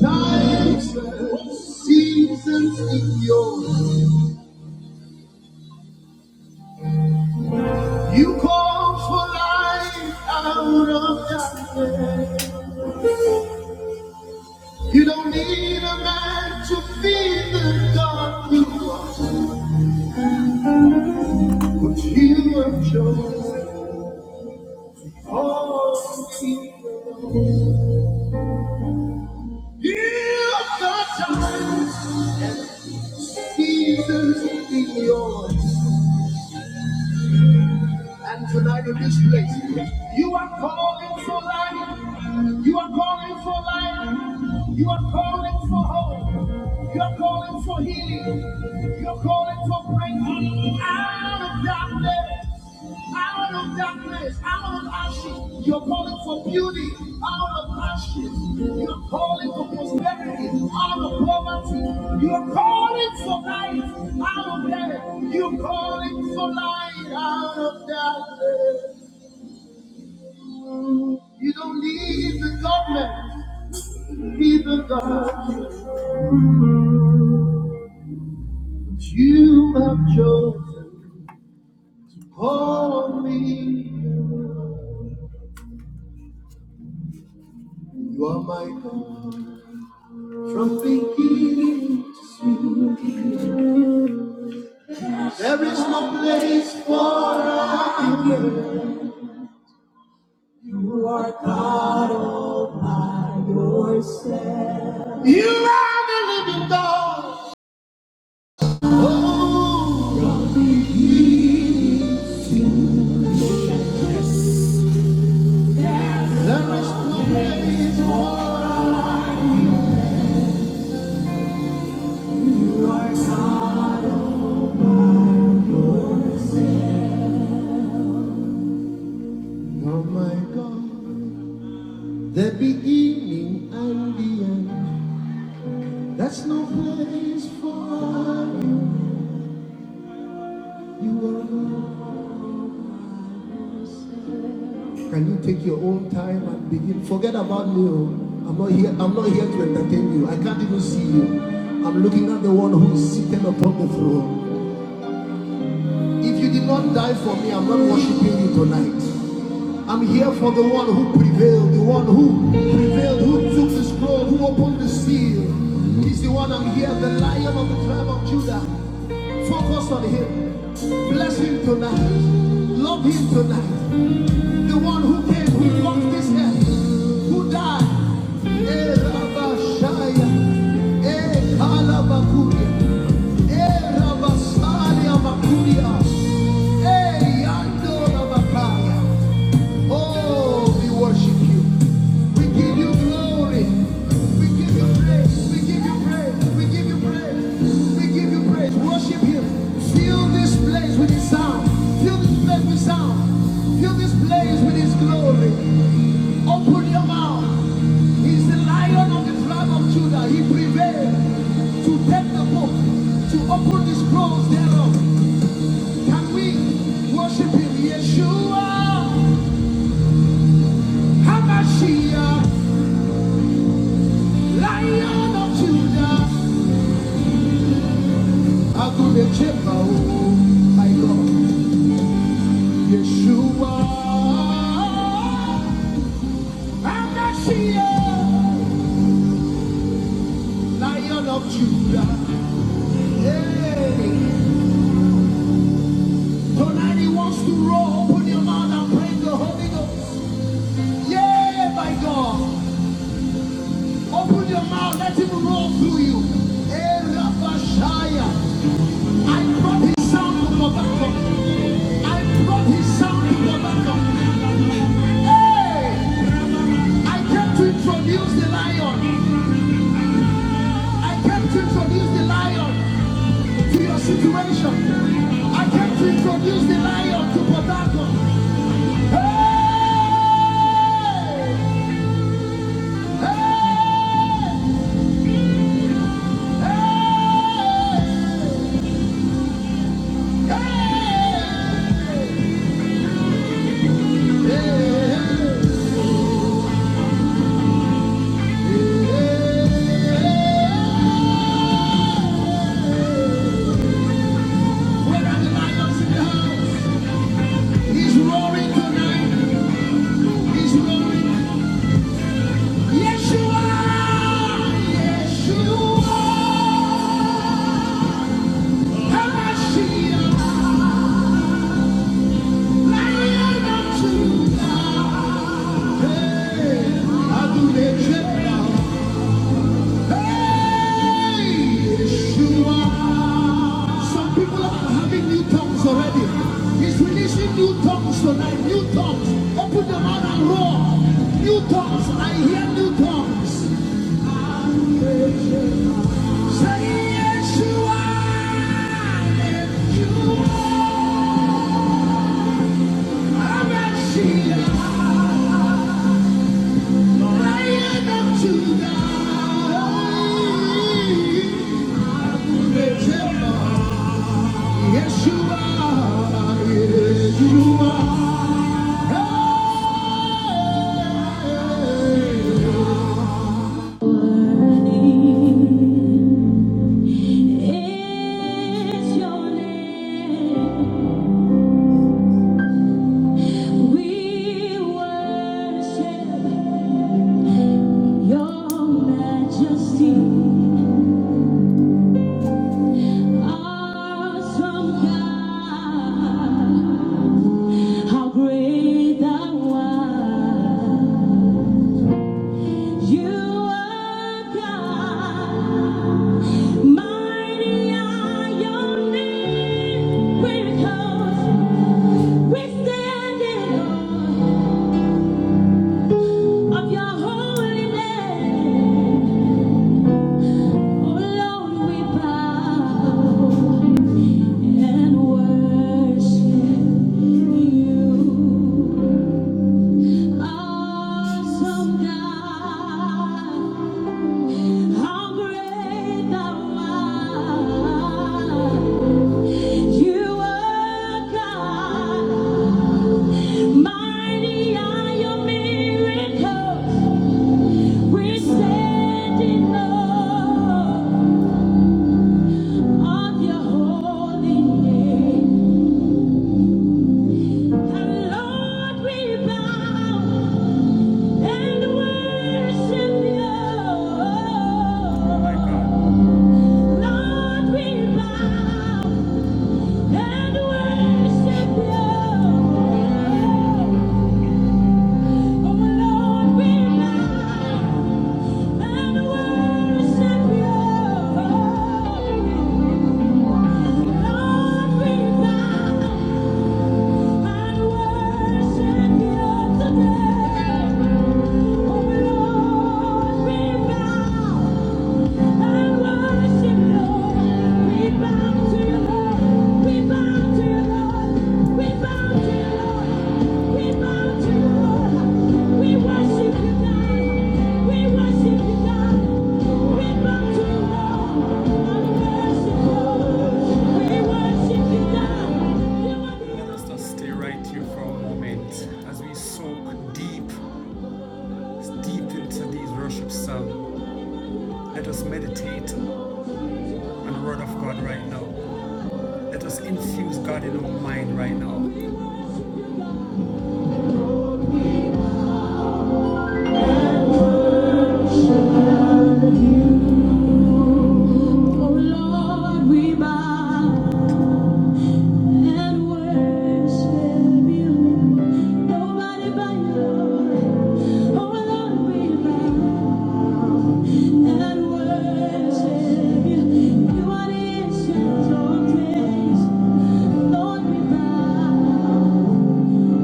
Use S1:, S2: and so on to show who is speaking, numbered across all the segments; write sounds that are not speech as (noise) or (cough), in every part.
S1: Times, and seasons in your You call for light out of darkness. You don't need a man to feed the God you are, but you have chosen all people. You have the time, seasons in yours. And tonight in this place, you are calling for life. You are calling for life. You are calling for hope. You are calling for healing. You are calling for breakthrough out of darkness. Out. of of darkness, out of ashes. You're calling for beauty out of ashes. You're calling for prosperity out of poverty. You're calling for light out of death. You're calling for light out of darkness. You don't need the government, need the God. You have chosen for me. You are my God. From beginning to end, there is no place for us. You are God all by yourself. You are the living God. Oh, from beginning to end, there is no place for us. Oh my God, the beginning and the end. That's no place for you. You are God. Can you take your own time and begin? Forget about me. oh. I'm not here. I'm not here to entertain you. I can't even see you. I'm looking at the one who is seated upon the throne. If you did not die for me, I'm not worshiping you tonight. I'm here for the one who prevailed, the one who prevailed, who took the scroll, who opened the seal. He's the one I'm here, the lion of the tribe of Judah. Focus on him. Bless him tonight. Love him tonight the one who came, who walked this earth, who died. Eh, Rabashaya, eh, Kalabakuria, eh, Rabasalia Bakuria, eh, Yando Rabakaya. Oh, we worship. We give you glory. We give you praise. We give you praise. We give you praise. We give you praise. Worship Him. Fill this place with His sound. Fill this place with sound. Fill this place with His glory. Open your mouth. He's the lion of the tribe of Judah. He prevailed to take the book, to open the scrolls thereof. Can we worship Him? Yeshua, Hamashiach. Lion of Judah, Agudechemo, my Lord, Yeshua, Amashia, Lion of Judah. yeah. tonight he wants to roll. Open your mouth and praise the Holy Ghost. Yeah, my God. Open your mouth, let him roll through you. Hey, Rabashaya, I brought his sound to Tobacco. I brought his sound to Tobacco. Hey! I came to introduce the lion. I came to introduce the lion to your situation. I came to introduce the lion to Potato. Hey! Hey! Hey! Hey! Hey! hey. Where are the lions in the house? He's roaring tonight. He's roaring Yes, you are. Yes, you are. Hamashiach, Lion of Judah. Hey, Adonai Jehovah. Hey, yes, you are. Some people are having new tongues already. He's releasing new tongues tonight. New tongues. Open your mouth and roar. New tongues. I hear new tongues. Say yes, you are. Yes, you are. Yes, you are. Yes, you are. Is your name? We worship your majesty. Awesome God, how great thou art. You are God, mighty are your name. Miracles, we stand in awe of your holy Oh Lord, we bow and worship you. Awesome God, how great thou art. You are God, mighty are your miracles. We stand in awe of your holy name. Lord, we bow and worship you. Lord, we bow and worship you. Oh, Lord, we bow and worship you. Lord, we bow and worship you today. Oh, Lord, we bow. Let's just Stay right here for a moment as we soak deep, deep into these worship songs. Let us meditate the word of God right now. Let us infuse God in our mind right now. Oh Lord, we bow and worship you. Nobody but you. Oh Lord, we bow and worship you. You are the ancient of days. Lord, we bow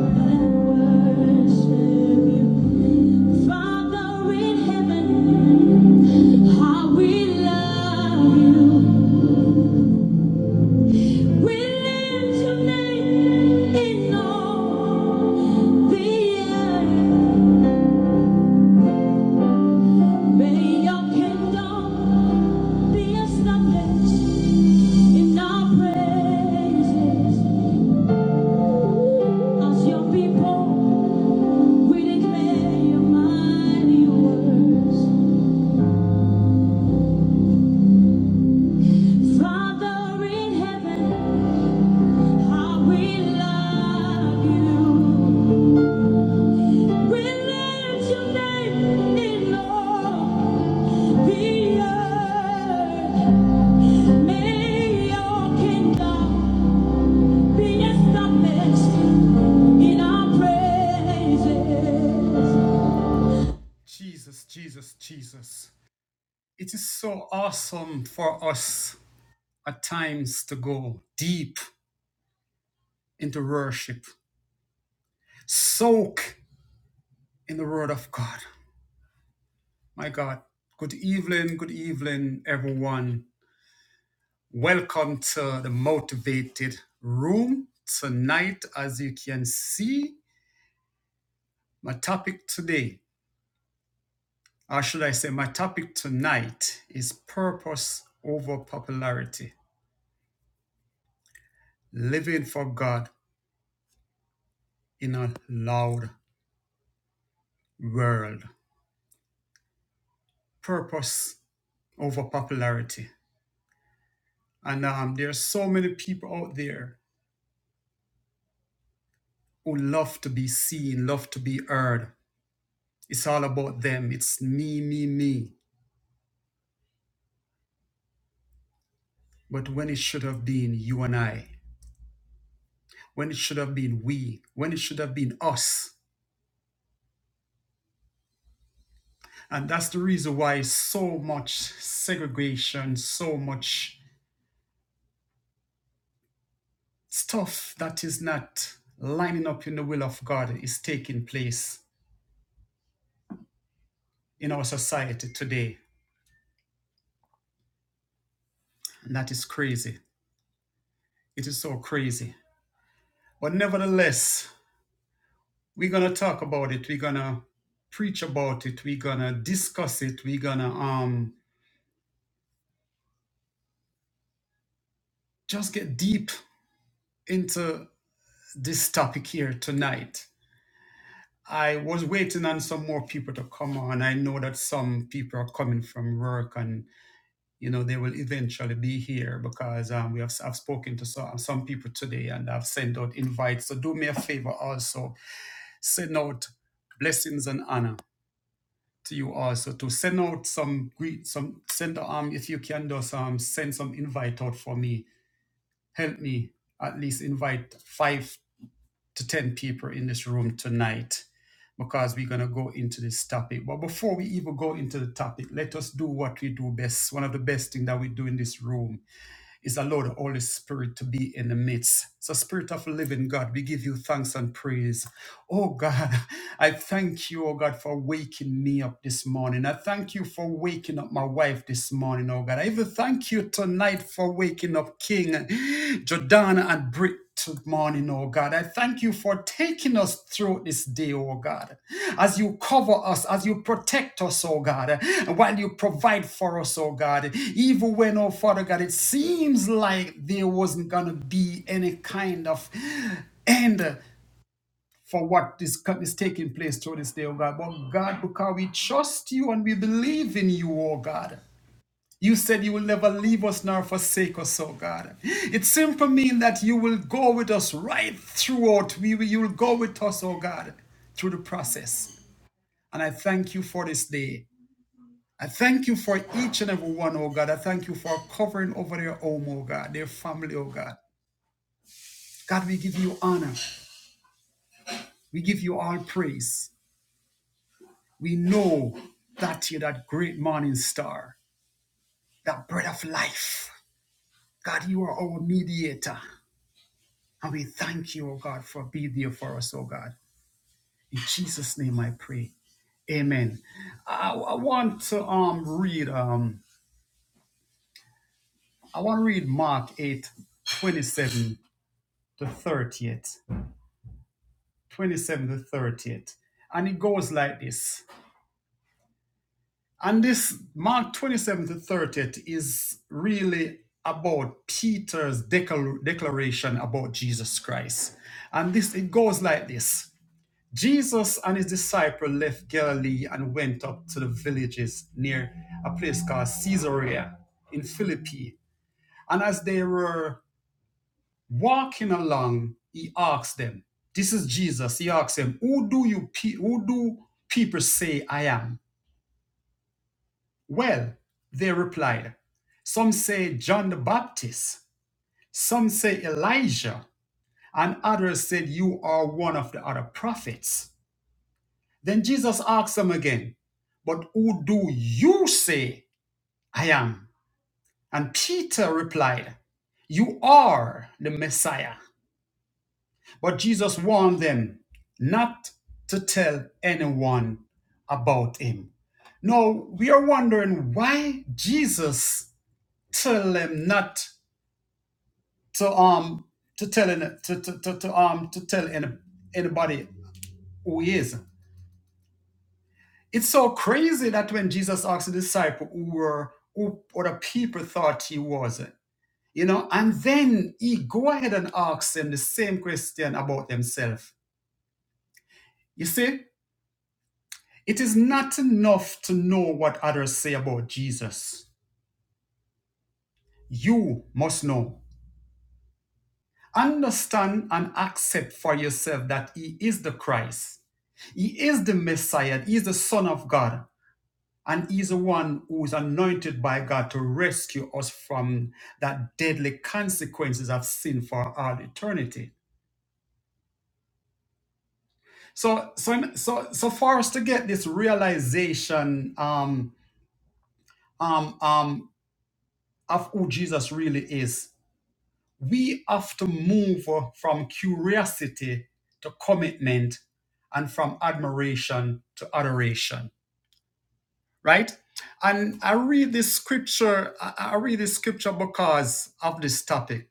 S1: and worship you. Father in heaven. How we love you. We lift your name in all the earth. May your kingdom be established in our praises. As your people, we declare your mighty words. Father in heaven, how we love you. We lift your name in all. Jesus, Jesus, Jesus. It is so awesome for us at times to go deep into worship, soak in the Word of God. My God. Good evening, good evening, everyone. Welcome to the Motivated Room. Tonight, as you can see, my topic today, or should I say, my topic tonight is purpose over popularity, living for God in a loud world. Purpose over popularity. And um, there are so many people out there who love to be seen, love to be heard. It's all about them. It's me, me, me. But when it should have been you and I. when it should have been we, when it should have been us. And that's the reason why so much segregation, so much stuff that is not lining up in the will of God is taking place in our society today. And that is crazy. It is so crazy. But nevertheless, we're going to talk about it. We're going to preach about it. We're going to discuss it. We're going to um, just get deep into this topic here tonight I was waiting on some more people to come on. I know that some people are coming from work and, you know, they will eventually be here because um, we have I've spoken to some, some people today and I've sent out invites. So do me a favor also, send out blessings and honor to you also to send out some greet, some send um if you can do some send some invite out for me. Help me at least invite five to 10 people in this room tonight because we're going to go into this topic. But before we even go into the topic, let us do what we do best. One of the best things that we do in this room is allow the Holy Spirit to be in the midst. So, Spirit of the Living God, we give you thanks and praise. Oh God, (laughs) I thank you, oh God, for waking me up this morning. I thank you for waking up my wife this morning, oh God. I even thank you tonight for waking up King Jordana and Britt this morning, oh God. I thank you for taking us through this day, oh God. As you cover us, as you protect us, oh God, while you provide for us, oh God. Even when, oh Father God, it seems like there wasn't gonna be any kind of end for what is, co- is taking place through this day, oh God. But God, because we trust you and we believe in you, oh God. You said you will never leave us nor forsake us, oh God. It simply means that you will go with us right throughout. We, will- you will go with us, oh God, through the process. And I thank you for this day. I thank you for each and every one, oh God. I thank you for covering over their home, oh God, their family, oh God. God, we give you honor. We give you all praise. We know that you're that great morning star, that bread of life. God, you are our mediator. And we thank you, oh God, for being there for us, oh God. In Jesus' name I pray. Amen. I, I want to um read um I want to read Mark 8 27 to 30th. 27 to 30th. And it goes like this. And this Mark 27 to 30 is really about Peter's declar- declaration about Jesus Christ. And this it goes like this. Jesus and his disciple left Galilee and went up to the villages near a place called Caesarea in Philippi. And as they were walking along, he asked them, This is Jesus. He asked them, Who do you pe- who do people say I am? Well, they replied, some say John the Baptist, some say Elijah, and others said you are one of the other prophets. Then Jesus asked them again, But who do you say I am? And Peter replied, You are the Messiah. But Jesus warned them not to tell anyone about him. Now, we are wondering why Jesus tell them not to um to tell to, to, to, to um to tell any, anybody who he is. It's so crazy that when Jesus asked the disciple who were who other people thought he was, you know, and then he go ahead and asks them the same question about themselves. You see, it is not enough to know what others say about Jesus. You must know. Understand and accept for yourself that He is the Christ. He is the Messiah. He is the Son of God. And He is the one who is anointed by God to rescue us from that deadly consequences of sin for all eternity. So, so, so, so for us to get this realization um, um, um, of who Jesus really is, we have to move from curiosity to commitment and from admiration to adoration right and i read this scripture i I read this scripture because of this topic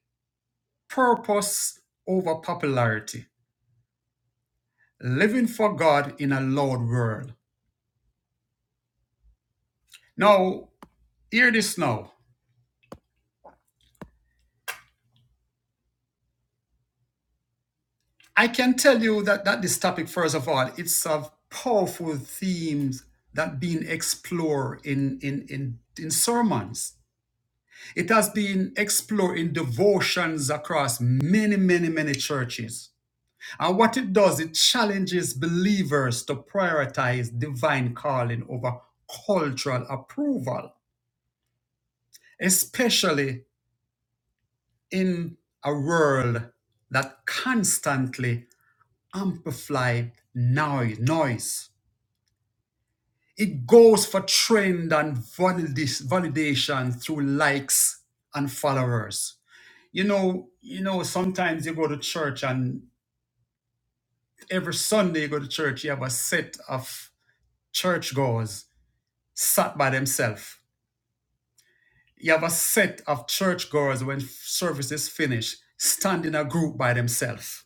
S1: purpose over popularity living for god in a loud world now hear this now i can tell you that, that this topic first of all it's of powerful themes that being explored in in in, in sermons It has been explored in devotions across many, many, many churches. And what it does, it challenges believers to prioritize divine calling over cultural approval, especially in a world that constantly amplifies noise. It goes for trend and validis- validation through likes and followers. you know, you know, sometimes you go to church and every Sunday you go to church, you have a set of churchgoers sat by themselves. You have a set of churchgoers when service is finished, stand in a group by themselves.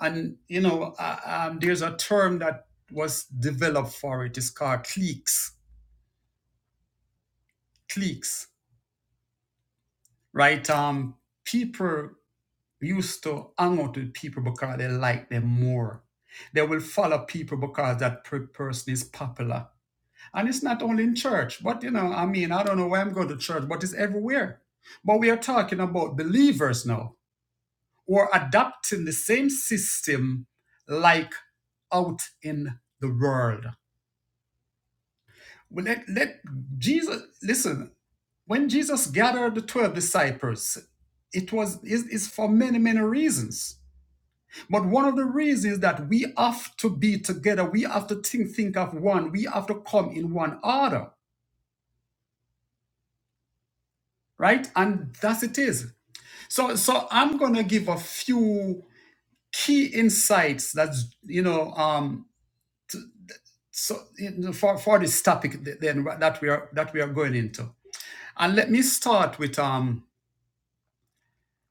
S1: And, you know, uh, um, there's a term that was developed for it. It's called cliques, cliques, right? Um, people used to hang out with people because they like them more. They will follow people because that per- person is popular. And it's not only in church, but you know, I mean, I don't know why I'm going to church, but it's everywhere. But we are talking about believers now who are adopting the same system like out in the world. Well, let, let Jesus listen. When Jesus gathered the 12 disciples, it was is is for many, many reasons. But one of the reasons that we have to be together, we have to think, think of one, we have to come in one order, right? And thus it is. So, so I'm gonna give a few key insights that's you know um so you know, for for this topic then that we are that we are going into. And let me start with um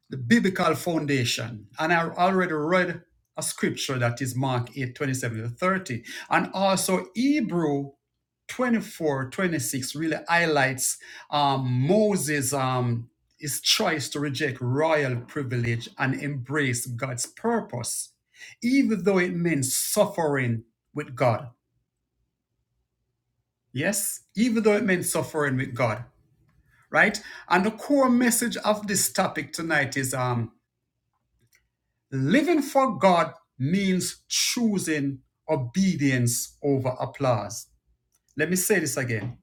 S1: the biblical foundation. And I already read a scripture that is Mark 8, twenty-seven to 30, and also Hebrew 24, 26 really highlights um, moses um, his choice to reject royal privilege and embrace god's purpose even though it meant suffering with god yes even though it meant suffering with god right and the core message of this topic tonight is um, living for god means choosing obedience over applause let me say this again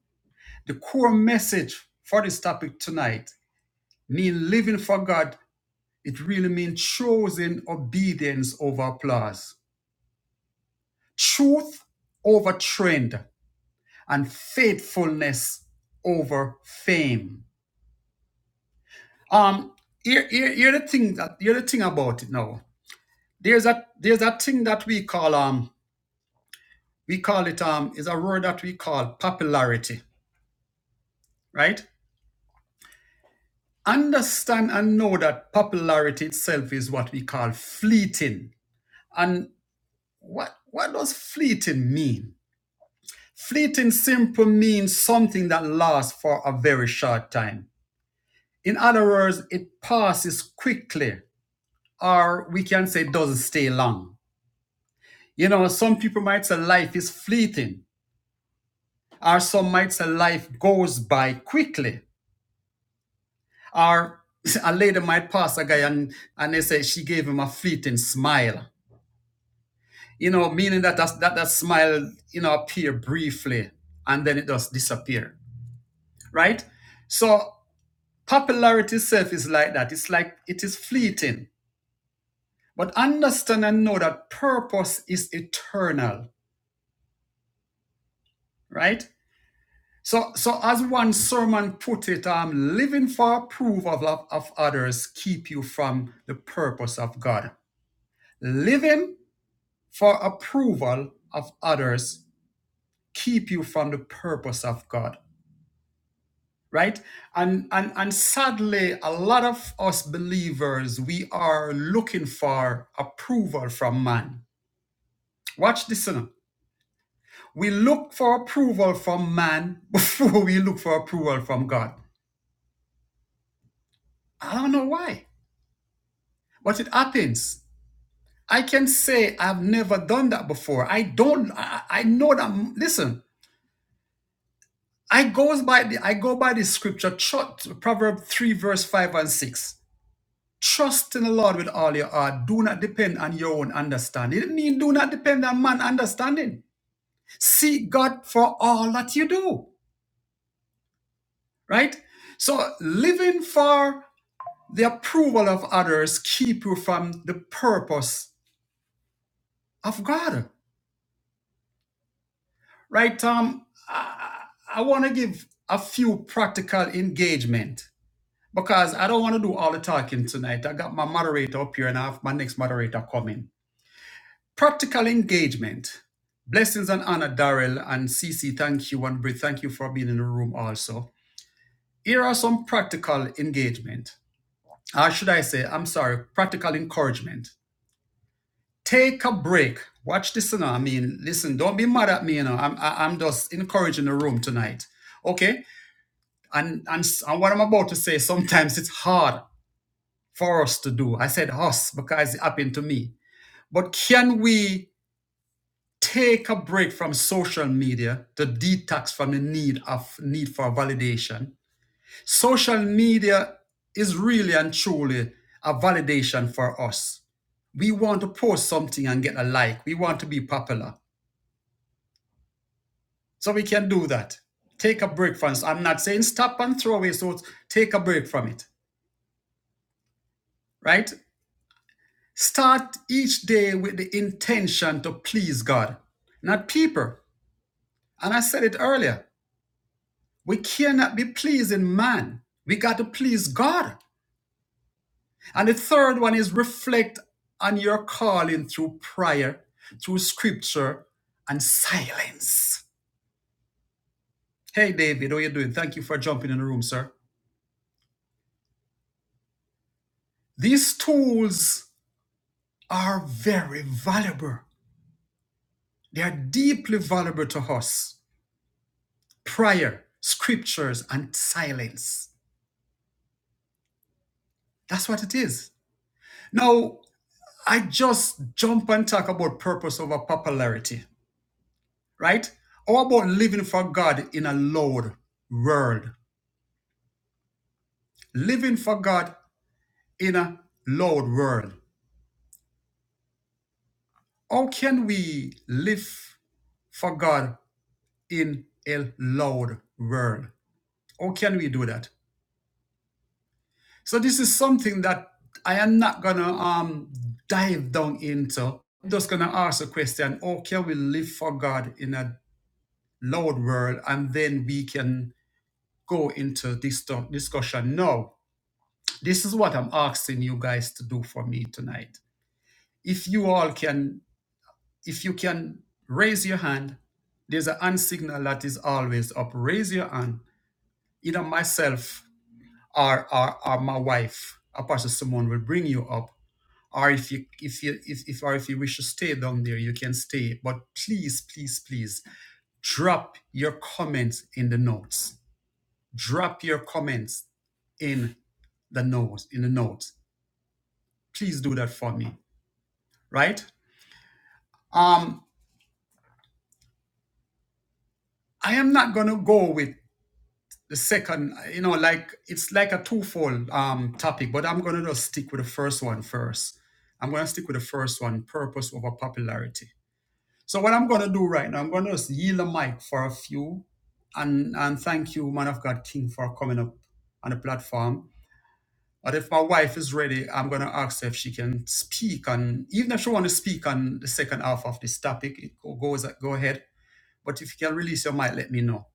S1: the core message for this topic tonight mean living for God, it really means choosing obedience over applause, truth over trend, and faithfulness over fame. Um, here, here, here the thing that here the thing about it now. There's a there's a thing that we call um we call it um is a word that we call popularity, right? Understand and know that popularity itself is what we call fleeting. And what what does fleeting mean? Fleeting simple means something that lasts for a very short time. In other words, it passes quickly, or we can say it doesn't stay long. You know, some people might say life is fleeting, or some might say life goes by quickly, or (laughs) a lady might pass a guy and, and they say she gave him a fleeting smile. You know, meaning that that, that that smile, you know, appear briefly and then it just disappear, right? So Popularity itself is like that. It's like it is fleeting. But understand and know that purpose is eternal, right? So, so as one sermon put it, um, living for approval of, of others keep you from the purpose of God. Living for approval of others keep you from the purpose of God, right? And and and sadly, a lot of us believers, we are looking for approval from man Watch this now. We look for approval from man (laughs) before we look for approval from God. I don't know why, but it happens. I can say I've never done that before. I don't. I, I know that. Listen, I goes by the. I go by the scripture, tru- Proverb three, verse five and six. Trust in the Lord with all your heart. Do not depend on your own understanding. It mean do not depend on man's understanding. Seek God for all that you do. Right. So living for The approval of others keep you from the purpose of God. Right, Tom? I, I want to give a few practical engagement because I don't want to do all the talking tonight. I got my moderator up here and I have my next moderator coming. Practical engagement. Blessings and honor, Darrell and Cece. Thank you and Bri. Thank you for being in the room also. Here are some practical engagement. Or should I say, I'm sorry, practical encouragement. take a break. Watch this, you know. I mean, listen, don't be mad at me, you know. I'm I, I'm just encouraging the room tonight, okay? And and and what I'm about to say, sometimes it's hard for us to do. I said us because it happened to me. But can we take a break from social media to detox from the need of need for validation? Social media is really and truly a validation for us. We want to post something and get a like. We want to be popular. So we can do that. Take a break from it. I'm not saying stop and throw away, so take a break from it, right? Start each day with the intention to please God, not people. And I said it earlier we cannot be pleasing man, we got to please God. And the third one is reflect on your calling through prayer, through scripture, and silence. Hey, David, how are you doing? Thank you for jumping in the room, sir. These tools are very valuable. They are deeply valuable to us. Prayer, scriptures, and silence. That's what it is. Now, I just jump and talk about purpose over popularity, right? How about living for God in a loud world. Living for God in a loud world. How can we live for God in a loud world? How can we do that? So this is something that I am not gonna um dive down into. I'm just gonna ask a question: How can we live for God in a loud world, and then we can go into this to- discussion? No, this is what I'm asking you guys to do for me tonight. If you all can, if you can raise your hand, there's an hand signal that is always up. Raise your hand. Either myself or, or, or my wife, Apostle Simone, will bring you up or if you if you if, if or if you wish to stay down there you can stay but please please please drop your comments in the notes drop your comments in the notes in the notes please do that for me right um i am not going to go with the second you know like it's like a twofold um topic but i'm going to just stick with the first one first i'm going to stick with the first one purpose over popularity So what I'm going to do right now, I'm going to just yield the mic for a few, and and thank you, man of God King, for coming up on the platform. But if my wife is ready, I'm going to ask her if she can speak, and even if she want to speak on the second half of this topic, it go- goes go ahead. But if you can release your mic, let me know.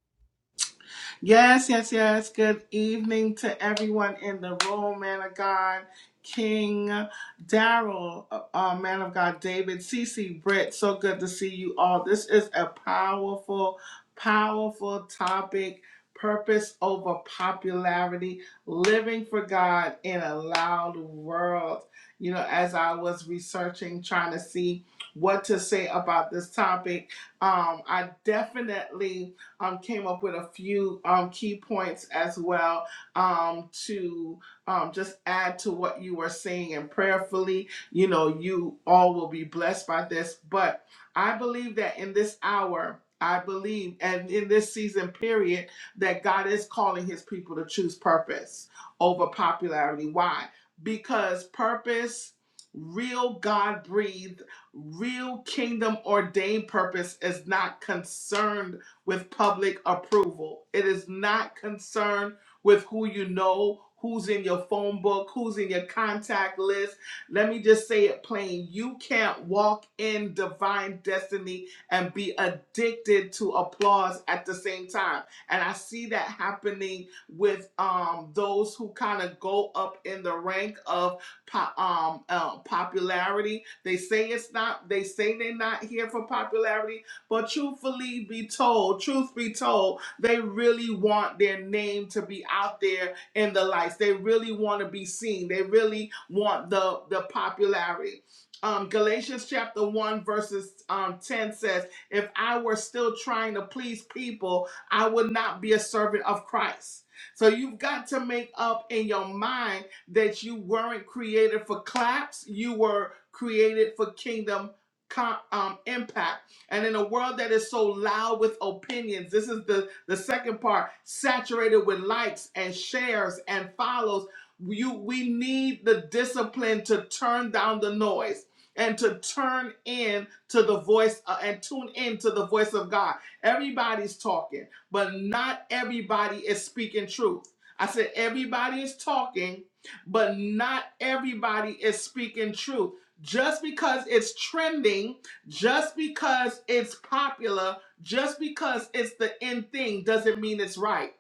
S2: Yes, yes, yes. Good evening to everyone in the room, man of God, King Daryl, uh, uh, man of God, David, Cece, Britt. So good to see you all. This is a powerful, powerful topic. Purpose over popularity, living for God in a loud world. You know, as I was researching, trying to see what to say about this topic, um, I definitely um, came up with a few um, key points as well um, to um, just add to what you were saying and prayerfully, you know, you all will be blessed by this. But I believe that in this hour, I believe, and in this season period, that God is calling his people to choose purpose over popularity. Why? Because purpose, real God breathed, real kingdom ordained purpose is not concerned with public approval. It is not concerned with who you know, who's in your phone book, who's in your contact list. Let me just say it plain you can't walk in divine destiny and be addicted to applause at the same time. And I see that happening with um, those who kind of go up in the rank of po- um, uh, popularity. They say it's not, they say they're not here for popularity but truthfully be told, truth be told, they really want their name to be out there in the lights. They really want to be seen. They really want the, the popularity. Um, Galatians chapter 1, verses um, 10 says, If I were still trying to please people, I would not be a servant of Christ. So you've got to make up in your mind that you weren't created for claps, you were created for kingdom co- um, impact and in a world that is so loud with opinions, this is the, the second part, saturated with likes and shares and follows. You we need the discipline to turn down the noise and to turn in to the voice uh, and tune in to the voice of God. Everybody's talking, but not everybody is speaking truth. I said everybody is talking, but not everybody is speaking truth. Just because it's trending just because it's popular, just because it's the end thing, doesn't mean it's right.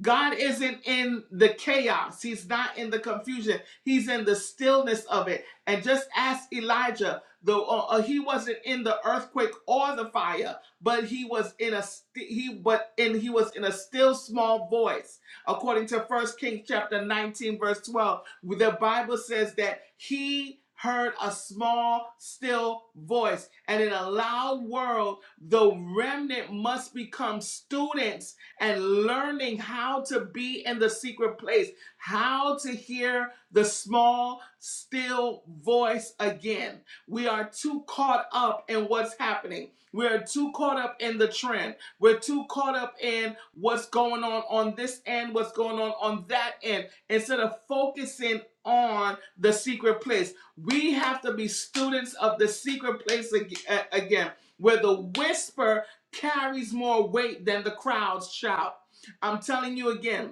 S2: God isn't in the chaos, He's not in the confusion, He's in the stillness of it. And just ask Elijah, though uh, uh, he wasn't in the earthquake or the fire, but he was in a st- he but and he was in a still small voice. According to First Kings chapter 19 verse 12, the Bible says that he heard a small still voice and in a loud world the remnant must become students and learning how to be in the secret place, how to hear the small, still voice again. We are too caught up in what's happening. We are too caught up in the trend. We're too caught up in what's going on on this end, what's going on on that end, instead of focusing on the secret place. We have to be students of the secret place ag- a- again, where the whisper carries more weight than the crowd's shout. I'm telling you again,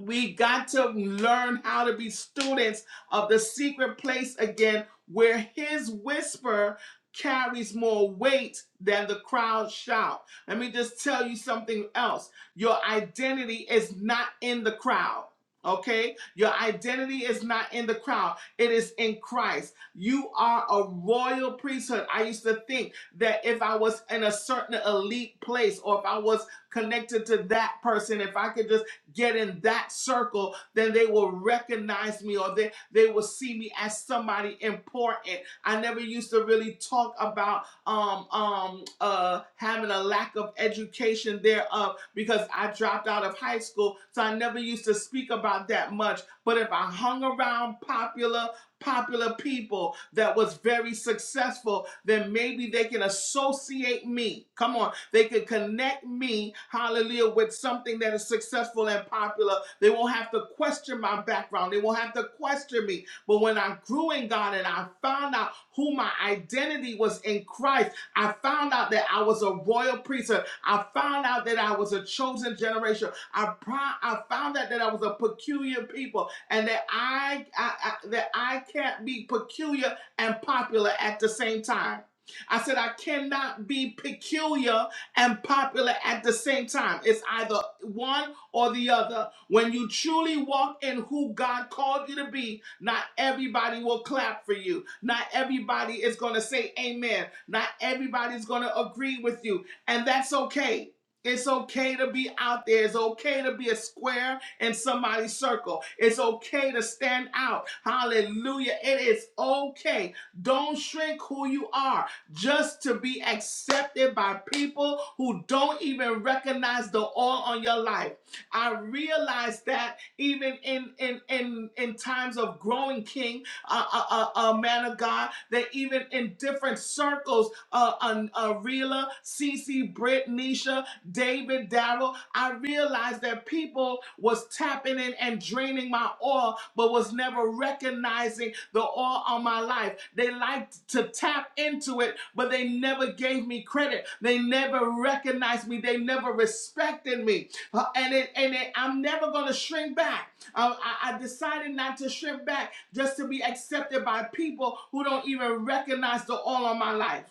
S2: we got to learn how to be students of the secret place again, where his whisper carries more weight than the crowd shout. Let me just tell you something else. Your identity is not in the crowd. Okay, your identity is not in the crowd, it is in Christ. You are a royal priesthood. I used to think that if I was in a certain elite place or if I was connected to that person, if I could just get in that circle, then they will recognize me or they, they will see me as somebody important. I never used to really talk about um um uh having a lack of education thereof because I dropped out of high school. So I never used to speak about that much. But if I hung around popular popular people that was very successful, then maybe they can associate me. Come on. They can connect me, hallelujah, with something that is successful and popular. They won't have to question my background. They won't have to question me. But when I grew in God and I found out who my identity was in Christ, I found out that I was a royal priesthood. I found out that I was a chosen generation. I, pri- I found out that I was a peculiar people and that I, I, I that I can't be peculiar and popular at the same time. I said I cannot be peculiar and popular at the same time. It's either one or the other. When you truly walk in who God called you to be, not everybody will clap for you. Not everybody is going to say amen. Not everybody's going to agree with you, and that's okay. It's okay to be out there. It's okay to be a square in somebody's circle. It's okay to stand out. Hallelujah. It is okay. Don't shrink who you are just to be accepted by people who don't even recognize the oil on your life. I realize that even in in in, in times of growing king, uh, uh, uh, uh, man of God, that even in different circles, uh, uh, uh Rela, Cece, Britt, Nisha, David Darrell, I realized that people was tapping in and draining my oil, but was never recognizing the oil on my life. They liked to tap into it, but they never gave me credit. They never recognized me. They never respected me. Uh, And it, and it, I'm never going to shrink back. Uh, I, I decided not to shrink back just to be accepted by people who don't even recognize the oil on my life.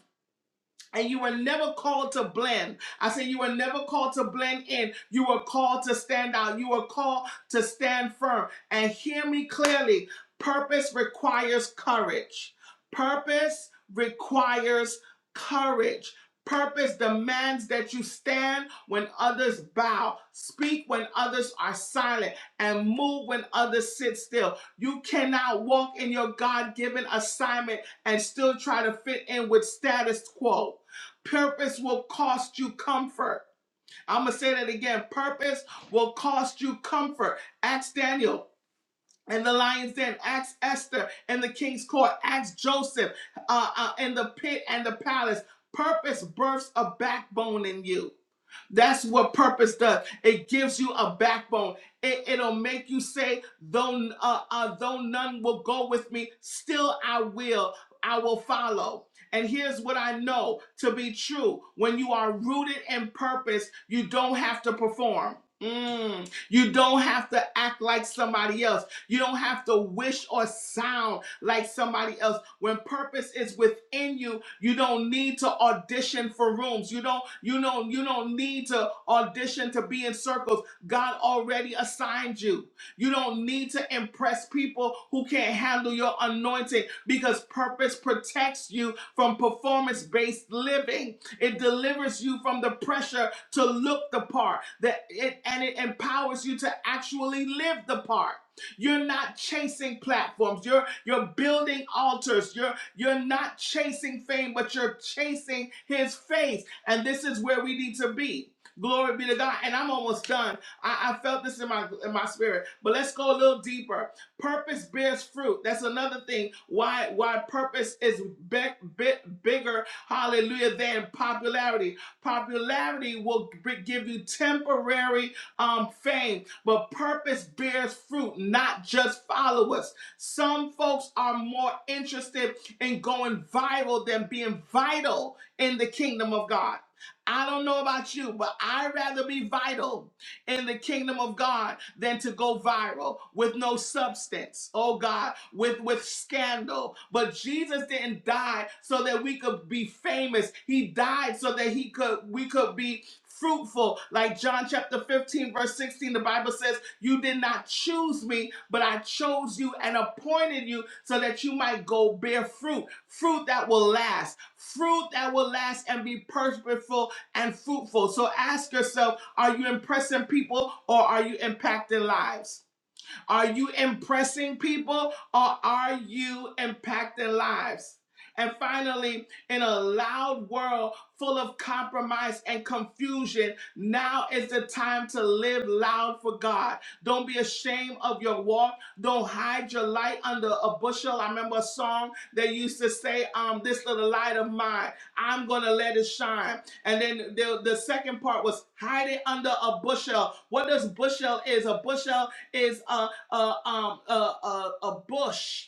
S2: And you were never called to blend. I said, You were never called to blend in. You were called to stand out. You were called to stand firm. And hear me clearly purpose requires courage. Purpose requires courage. Purpose demands that you stand when others bow, speak when others are silent, and move when others sit still. You cannot walk in your God given assignment and still try to fit in with status quo. Purpose will cost you comfort. I'm going to say that again. Purpose will cost you comfort. Ask Daniel and the lion's den. Ask Esther and the king's court. Ask Joseph uh, uh, in the pit and the palace. Purpose births a backbone in you. That's what purpose does. It gives you a backbone. It, it'll make you say, though, uh, uh, though none will go with me, still I will. I will follow. And here's what I know to be true when you are rooted in purpose, you don't have to perform. Mm. You don't have to act like somebody else. You don't have to wish or sound like somebody else. When purpose is within you, you don't need to audition for rooms. You don't you know, you don't need to audition to be in circles. God already assigned you. You don't need to impress people who can't handle your anointing because purpose protects you from performance-based living. It delivers you from the pressure to look the part that it and it empowers you to actually live the part. You're not chasing platforms. You're you're building altars. You're you're not chasing fame, but you're chasing his face. And this is where we need to be. Glory be to God. And I'm almost done. I, I felt this in my in my spirit. But let's go a little deeper. Purpose bears fruit. That's another thing. Why why purpose is big, big, bigger, hallelujah, than popularity. Popularity will b- give you temporary um fame but purpose bears fruit, not just followers. Some folks are more interested in going viral than being vital in the kingdom of God. I don't know about you, but I'd rather be vital in the kingdom of God than to go viral with no substance, oh God, with, with scandal. But Jesus didn't die so that we could be famous. He died so that he could we could be fruitful. Like John chapter 15, verse 16, the Bible says, You did not choose me, but I chose you and appointed you so that you might go bear fruit, fruit that will last, fruit that will last and be purposeful and fruitful. So ask yourself, are you impressing people or are you impacting lives? Are you impressing people or are you impacting lives? And finally, in a loud world full of compromise and confusion, now is the time to live loud for God. Don't be ashamed of your walk. Don't hide your light under a bushel. I remember a song that used to say, um, This little light of mine, I'm going to let it shine. And then the, the second part was hide it under a bushel. What does bushel is? A bushel is a uh, um, uh, uh, a bush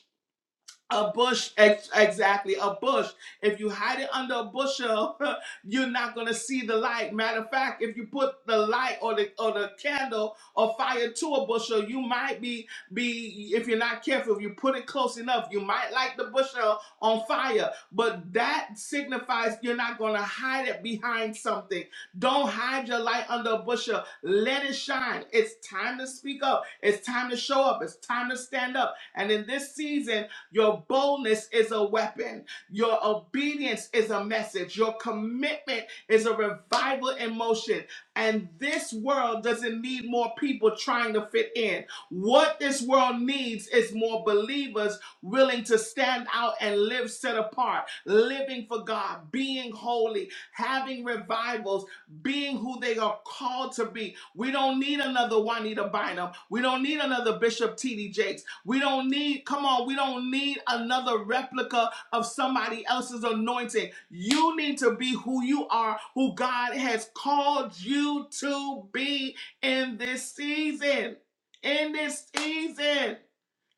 S2: a bush, ex- exactly, a bush. If you hide it under a bushel, (laughs) you're not gonna see the light. Matter of fact, if you put the light or the or the candle or fire to a bushel, you might be be if you're not careful. If you put it close enough, you might light the bushel on fire. But that signifies you're not gonna hide it behind something. Don't hide your light under a bushel. Let it shine. It's time to speak up. It's time to show up. It's time to stand up. And in this season. Your boldness is a weapon. Your obedience is a message. Your commitment is a revival in motion. And this world doesn't need more people trying to fit in. What this world needs is more believers willing to stand out and live set apart, living for God, being holy, having revivals, being who they are called to be. We don't need another Juanita Bynum. We don't need another Bishop T.D. Jakes. We don't need, come on, we don't need another replica of somebody else's anointing. You need to be who you are, who God has called you to be in this season. In this season.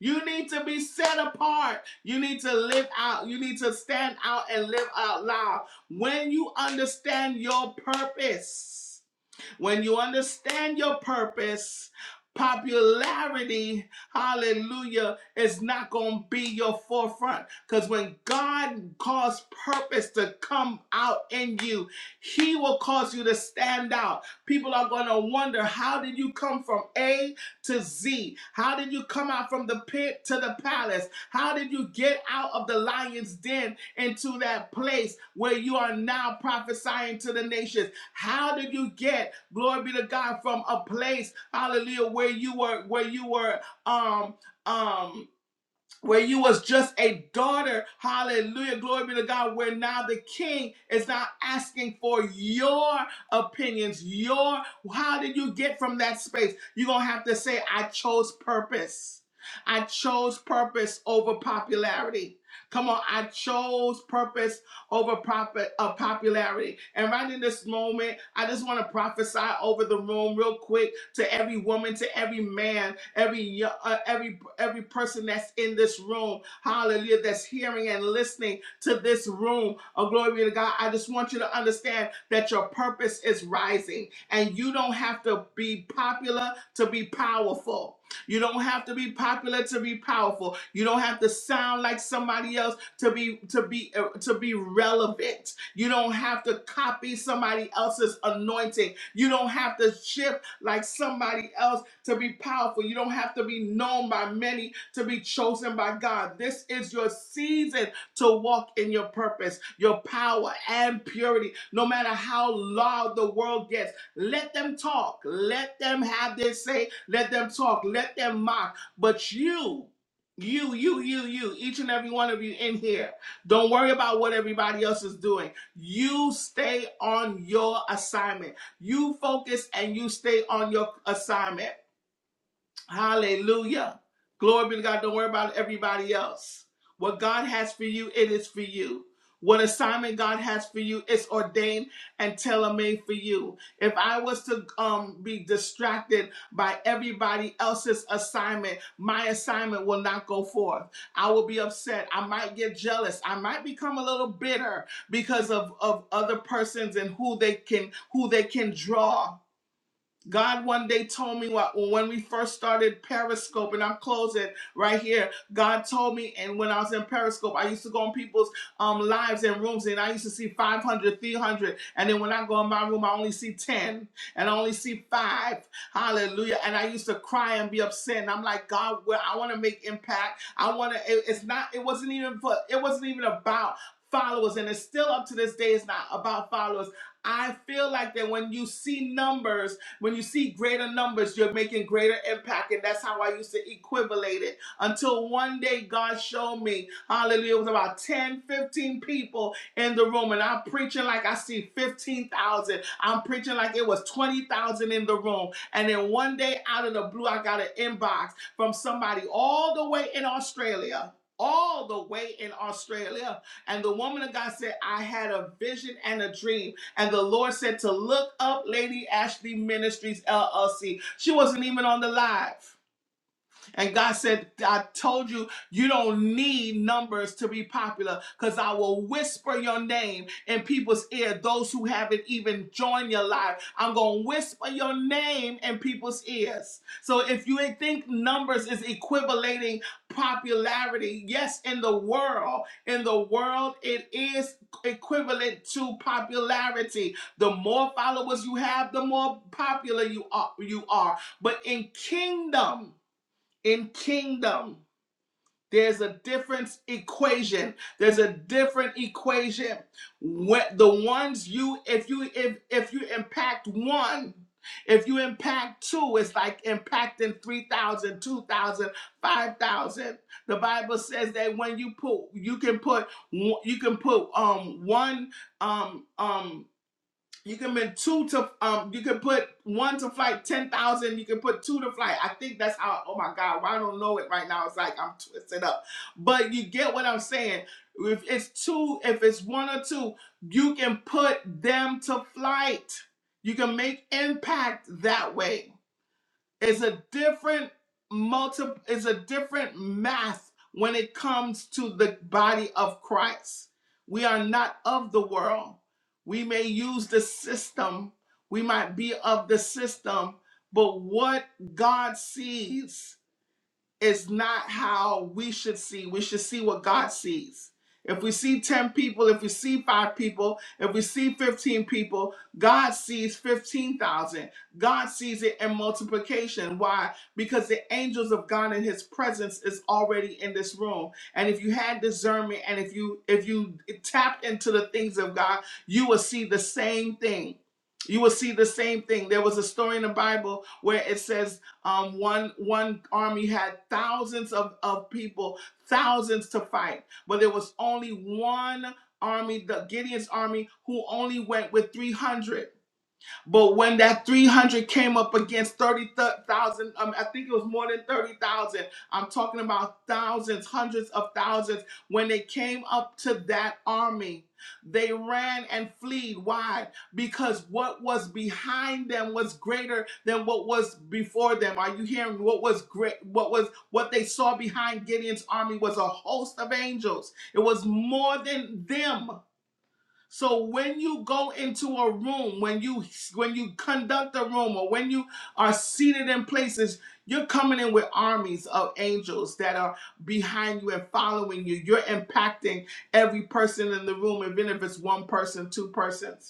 S2: You need to be set apart. You need to live out. You need to stand out and live out loud. When you understand your purpose, when you understand your purpose, popularity, hallelujah, is not going to be your forefront. Because when God calls purpose to come out in you, He will cause you to stand out. People are going to wonder how did you come from A to Z? How did you come out from the pit to the palace? How did you get out of the lion's den into that place where you are now prophesying to the nations? How did you get? Glory be to God from a place, hallelujah, where you were, where you were um um where you was just a daughter hallelujah glory be to god where now the king is not asking for your opinions your how did you get from that space you're gonna have to say i chose purpose i chose purpose over popularity come on i chose purpose over profit uh, popularity and right in this moment i just want to prophesy over the room real quick to every woman, to every man, every yo- uh, every every person that's in this room. Hallelujah, that's hearing and listening to this room. Oh, glory be to God. I just want you to understand that your purpose is rising, and you don't have to be popular to be powerful. You don't have to be popular to be powerful. You don't have to sound like somebody else to be to be uh, to be relevant. You don't have to copy somebody else's anointing. You don't have to shift like somebody else to be powerful. You don't have to be known by many to be chosen by God. This is your season to walk in your purpose, your power, and purity. No matter how loud the world gets, let them talk. Let them have their say. Let them talk. Let them mock. But you, you, you, you, you, each and every one of you in here, don't worry about what everybody else is doing. You stay on your assignment. You focus and you stay on your assignment. Hallelujah. Glory be to God. Don't worry about everybody else. What God has for you, it is for you. What assignment God has for you it's ordained and tailor-made for you. If I was to um, be distracted by everybody else's assignment, my assignment will not go forth. I will be upset. I might get jealous. I might become a little bitter because of, of other persons and who they can who they can draw. God one day told me what when we first started Periscope, and I'm closing right here. God told me, and when I was in Periscope, I used to go on people's um lives and rooms, and I used to see 500, 300, and then when I go in my room, I only see 10, and I only see five. Hallelujah! And I used to cry and be upset, and I'm like, God, well, I want to make impact. I want to. It, it's not. It wasn't even for. It wasn't even about followers, and it's still up to this day. It's not about followers. I feel like that when you see numbers when you see greater numbers, you're making greater impact. And that's how I used to equivalate it until one day God showed me, hallelujah, it was about 10, 15 people in the room. And I'm preaching like I see 15,000. I'm preaching like it was 20,000 in the room. And then one day out of the blue, I got an inbox from somebody all the way in Australia. All the way in Australia. And the woman of God said, I had a vision and a dream and the Lord said to look up Lady Ashley Ministries LLC. She wasn't even on the live. And God said, I told you, you don't need numbers to be popular because I will whisper your name in people's ear. Those who haven't even joined your life, I'm going to whisper your name in people's ears. So if you think numbers is equivalating popularity, yes, in the world, in the world, it is equivalent to popularity. The more followers you have, the more popular you are. You are. But in kingdom, in kingdom there's a different equation there's a different equation when the ones you if you if if you impact one if you impact two it's like impacting 3000, 2000, 5000. the bible says that when you put you can put one- you can put um one um um you can put two to um. You can put one to flight ten thousand. You can put two to flight. I think that's how. Oh my God! Why I don't know it right now? It's like I'm twisted up. But you get what I'm saying. If it's two, if it's one or two, you can put them to flight. You can make impact that way. It's a different multi Is a different math when it comes to the body of Christ. We are not of the world. We may use the system. We might be of the system, but what God sees is not how we should see. We should see what God sees. If we see 10 people, if we see five people, if we see 15 people, God sees 15,000. God sees it in multiplication. Why? Because the angels of God and his presence is already in this room. And if you had discernment and if you if you tapped into the things of God, you will see the same thing. You will see the same thing. There was a story in the Bible where it says um, one one army had thousands of, of people, thousands to fight, but there was only one army, the Gideon's army, who only went with 300. But when that 300 came up against 30,000, um, I think it was more than 30,000. I'm talking about thousands, hundreds of thousands. When they came up to that army, they ran and fled. Why? Because what was behind them was greater than what was before them. Are you hearing what was great? What was what they saw behind Gideon's army was a host of angels. It was more than them. So when you go into a room, when you when you conduct a room, or when you are seated in places, you're coming in with armies of angels that are behind you and following you. You're impacting every person in the room, even if it's one person, two persons.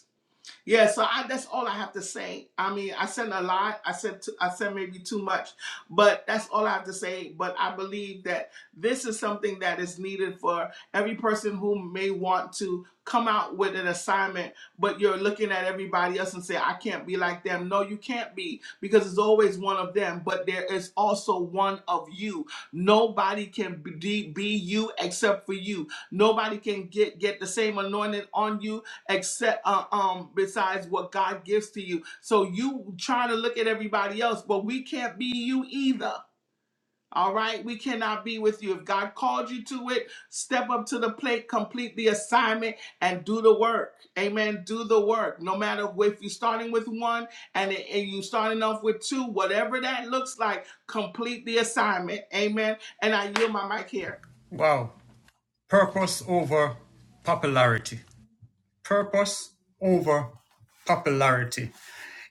S2: Yeah, so I, that's all I have to say. I mean, I said a lot. I said too, I said maybe too much, but that's all I have to say. But I believe that this is something that is needed for every person who may want to come out with an assignment, but you're looking at everybody else and say, "I can't be like them." No, you can't be because there's always one of them, but there is also one of you. Nobody can be, be you except for you. Nobody can get get the same anointing on you except uh, um besides what God gives to you. So you trying to look at everybody else, but we can't be you either. All right, we cannot be with you. If God called you to it, step up to the plate, complete the assignment, and do the work. Amen. Do the work. No matter if you're starting with one and, and you starting off with two, whatever that looks like, complete the assignment. Amen. And I yield my mic here.
S1: Wow, purpose over popularity. Purpose over popularity.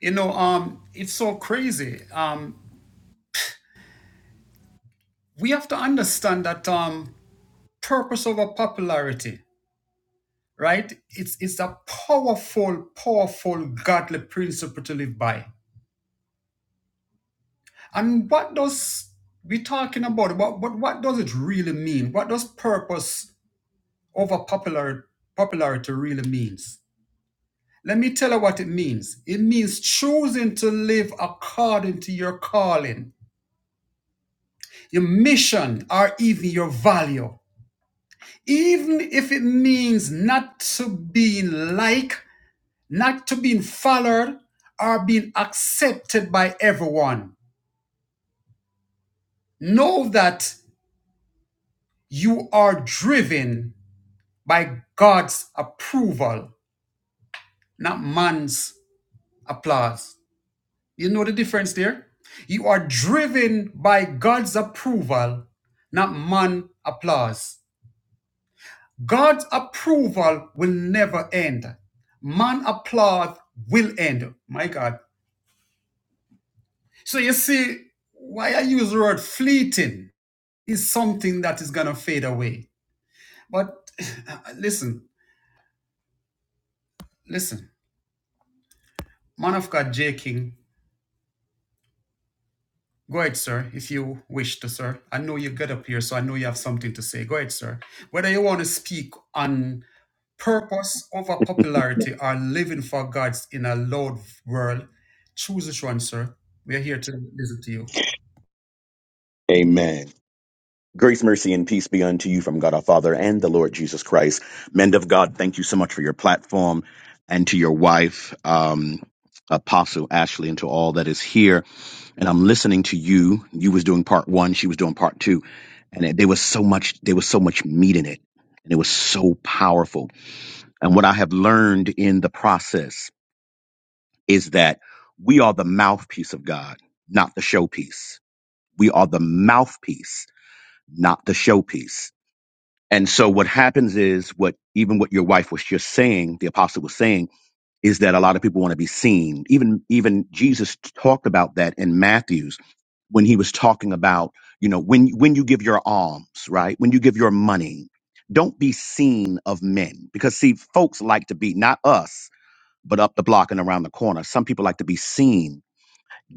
S1: You know, um, it's so crazy. Um, we have to understand that um, purpose over popularity, right? It's it's a powerful, powerful godly principle to live by. And what does we talking about? What what what does it really mean? What does purpose over popular popularity really means? Let me tell you what it means. It means choosing to live according to your calling, your mission, or even your value. Even if it means not to be like not to being followed or being accepted by everyone. Know that you are driven by God's approval, not man's applause. You know the difference there? You are driven by God's approval, not man applause. God's approval will never end. Man applause will end. My God. So you see why I use the word fleeting is something that is going to fade away. But (sighs) (laughs) listen, listen, man of God, J. King, go ahead, sir, if you wish to, sir. I know you got up here, so I know you have something to say. Go ahead, sir. Whether you want to speak on purpose over popularity or living for God's in a loud world, choose which one, sir. We are here to listen to you.
S3: Amen. Grace, mercy, and peace be unto you from God our Father and the Lord Jesus Christ. Men of God, thank you so much for your platform and to your wife, um, Apostle Ashley, and to all that is here. And I'm listening to you. You was doing part one, she was doing part two, and it, there was so much. There was so much meat in it, and it was so powerful. And what I have learned in the process is that we are the mouthpiece of God, not the showpiece. We are the mouthpiece not the showpiece. And so what happens is what even what your wife was just saying, the apostle was saying, is that a lot of people want to be seen. Even even Jesus talked about that in Matthew's when he was talking about, you know, when when you give your alms, right? When you give your money, don't be seen of men. Because see, folks like to be not us, but up the block and around the corner. Some people like to be seen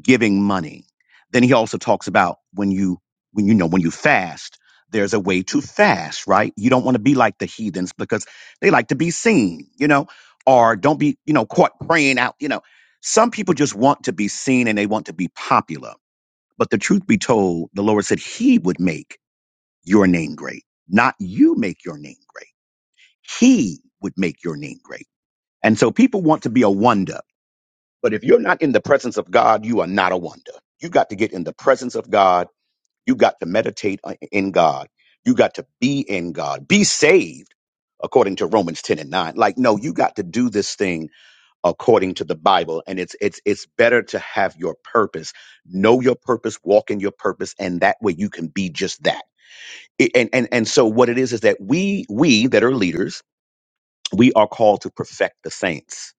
S3: giving money. Then he also talks about when you when you know when you fast, there's a way to fast, right? You don't want to be like the heathens because they like to be seen, you know, or don't be, you know, caught praying out, you know. Some people just want to be seen and they want to be popular. But the truth be told, the Lord said he would make your name great, not you make your name great. He would make your name great. And so people want to be a wonder but if you're not in the presence of God, you are not a wonder. You got to get in the presence of God. You got to meditate on- in God. You got to be in God. Be saved according to Romans 10 and 9. Like, no, you got to do this thing according to the Bible. And it's it's it's better to have your purpose. Know your purpose, walk in your purpose, and that way you can be just that. It- And and and so what it is is that we we that are leaders, we are called to perfect the saints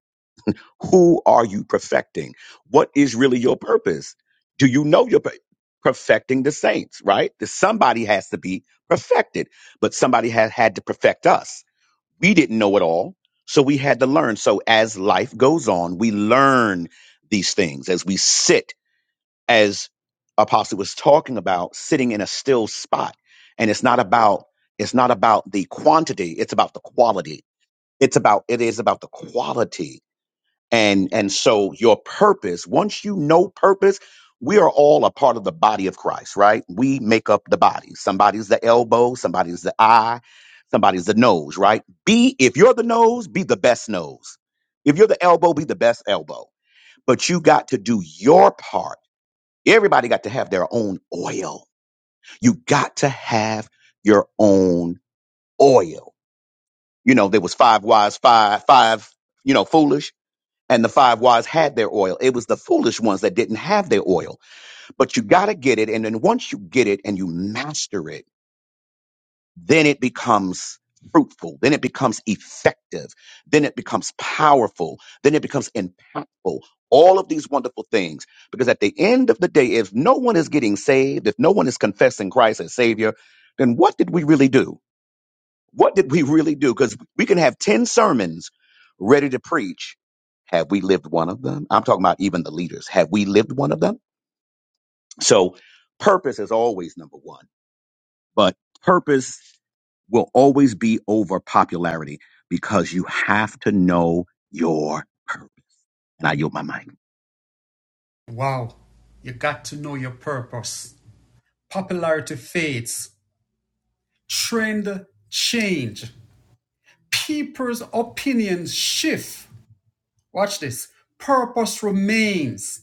S3: who are you perfecting? What is really your purpose? Do you know you're per- perfecting the saints, right? That somebody has to be perfected, but somebody had had to perfect us. We didn't know it all, so we had to learn. So as life goes on, we learn these things as we sit, as Apostle was talking about, sitting in a still spot. And it's not about it's not about the quantity, it's about the quality. It's about it is about the quality and and so your purpose once you know purpose we are all a part of the body of christ right we make up the body somebody's the elbow somebody's the eye somebody's the nose right be if you're the nose be the best nose if you're the elbow be the best elbow but you got to do your part everybody got to have their own oil you got to have your own oil you know there was five wise five five you know foolish and the five wise had their oil. It was the foolish ones that didn't have their oil. But you got to get it. And then once you get it and you master it, then it becomes fruitful. Then it becomes effective. Then it becomes powerful. Then it becomes impactful. All of these wonderful things. Because at the end of the day, if no one is getting saved, if no one is confessing Christ as Savior, then what did we really do? What did we really do? Because we can have 10 sermons ready to preach. Have we lived one of them? I'm talking about even the leaders. Have we lived one of them? So purpose is always number one, but purpose will always be over popularity because you have to know your purpose. And I yield my mic.
S1: Wow, you got to know your purpose. Popularity fades, trend change. people's opinions shift. Watch this. Purpose remains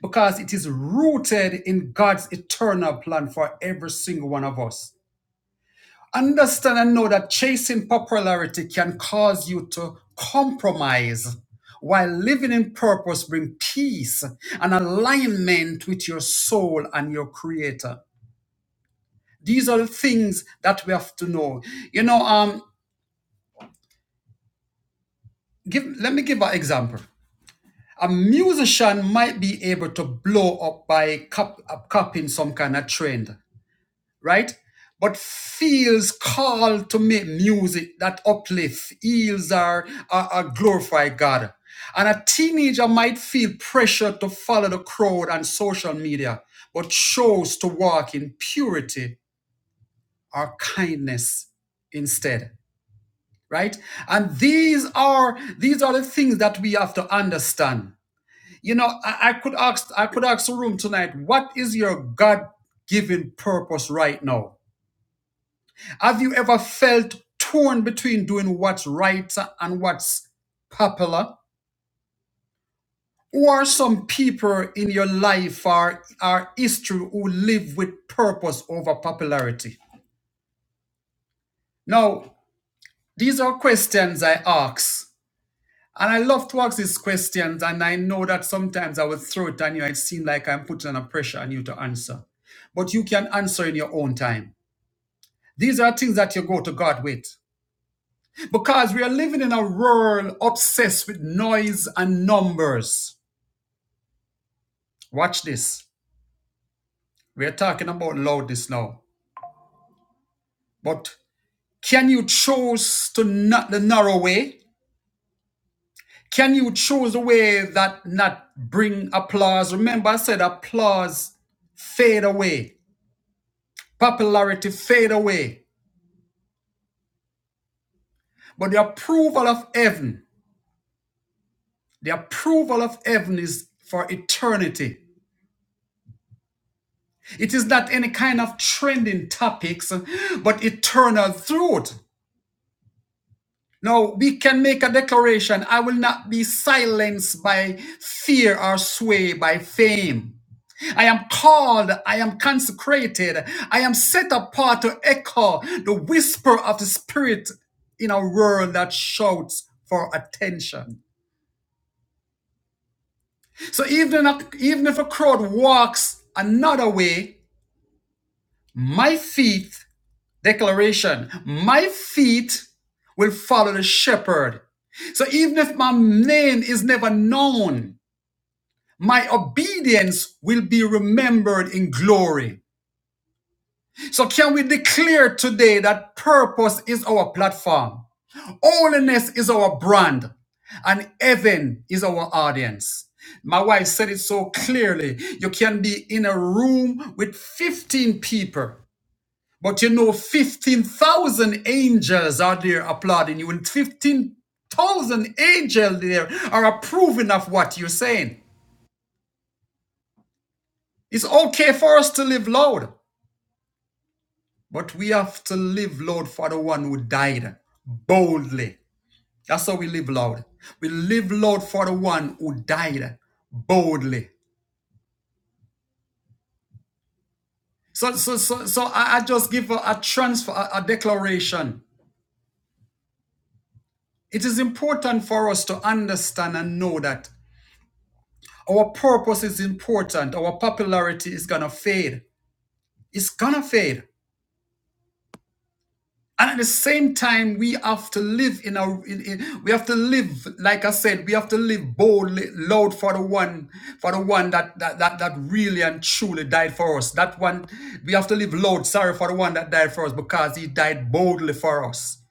S1: because it is rooted in God's eternal plan for every single one of us. Understand and know that chasing popularity can cause you to compromise while living in purpose brings peace and alignment with your soul and your creator these are the things that we have to know you know um give let me give an example a musician might be able to blow up by cop- uh, copying some kind of trend, right? But feels called to make music that uplifts, heals, or, or, or glorify God. And a teenager might feel pressure to follow the crowd on social media, but chose to walk in purity or kindness instead, right? And these are these are the things that we have to understand you know, I, I could ask I could ask the room tonight, what is your God given purpose right now? Have you ever felt torn between doing what's right and what's popular? Or some people in your life or our history who live with purpose over popularity? Now, these are questions I ask And I love to ask these questions, and I know that sometimes I will throw it on you. It seems like I'm putting on a pressure on you to answer. But you can answer in your own time. These are things that you go to God with. Because we are living in a world obsessed with noise and numbers. Watch this. We are talking about loudness now. But can you choose to not the narrow way? Can you choose a way that not bring applause? Remember, I said applause fade away. popularity fade away. But the approval of heaven, the approval of heaven is for eternity. It is not any kind of trending topics, but eternal truth. Now we can make a declaration I will not be silenced by fear or swayed by fame. I am called, I am consecrated, I am set apart to echo the whisper of the Spirit in a world that shouts for attention. So even if, even if a crowd walks another way, my feet, declaration, my feet will follow the shepherd. So even if my name is never known, my obedience will be remembered in glory. So can we declare today that purpose is our platform? Holiness is our brand, and heaven is our audience. My wife said it so clearly. You can be in a room with 15 people, but you know 15,000 angels are there applauding you, and 15,000 angels there are approving of what you're saying. It's okay for us to live loud, but we have to live loud for the one who died boldly That's how we live, Lord. We live, Lord, for the one who died boldly. So, so, so, so I, I just give a, a transfer, a, a declaration. It is important for us to understand and know that our purpose is important. Our popularity is gonna fade. It's gonna fade. and at the same time we have to live in our in, in- we have to live like i said we have to live boldly loud for the one for the one that that, that that really and truly died for us that one we have to live loud sorry for the one that died for us because he died boldly for us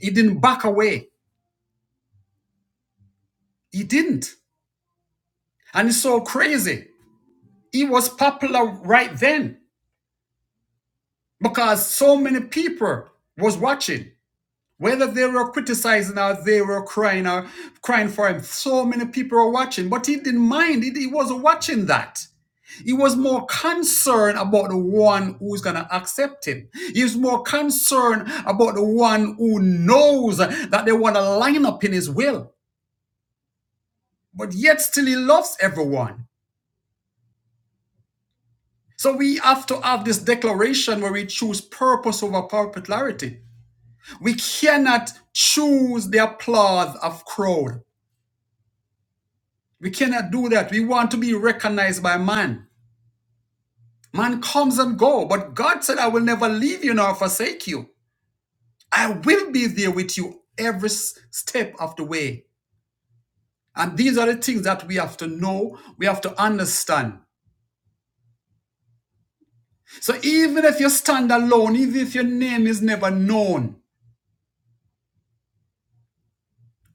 S1: he didn't back away he didn't and it's so crazy he was popular right then because so many people was watching Whether they were criticizing or they were crying or crying for him, so many people were watching, but he didn't mind. He, he wasn't watching that. He was more concerned about the one who's going to accept him. He was more concerned about the one who knows that they want to line up in his will, but yet still he loves everyone. So we have to have this declaration where we choose purpose over popularity. We cannot choose the applause of crowd. We cannot do that. We want to be recognized by man. Man comes and go, but God said, I will never leave you nor forsake you. I will be there with you every s- step of the way. And these are the things that we have to know, we have to understand. So even if you stand alone, even if your name is never known,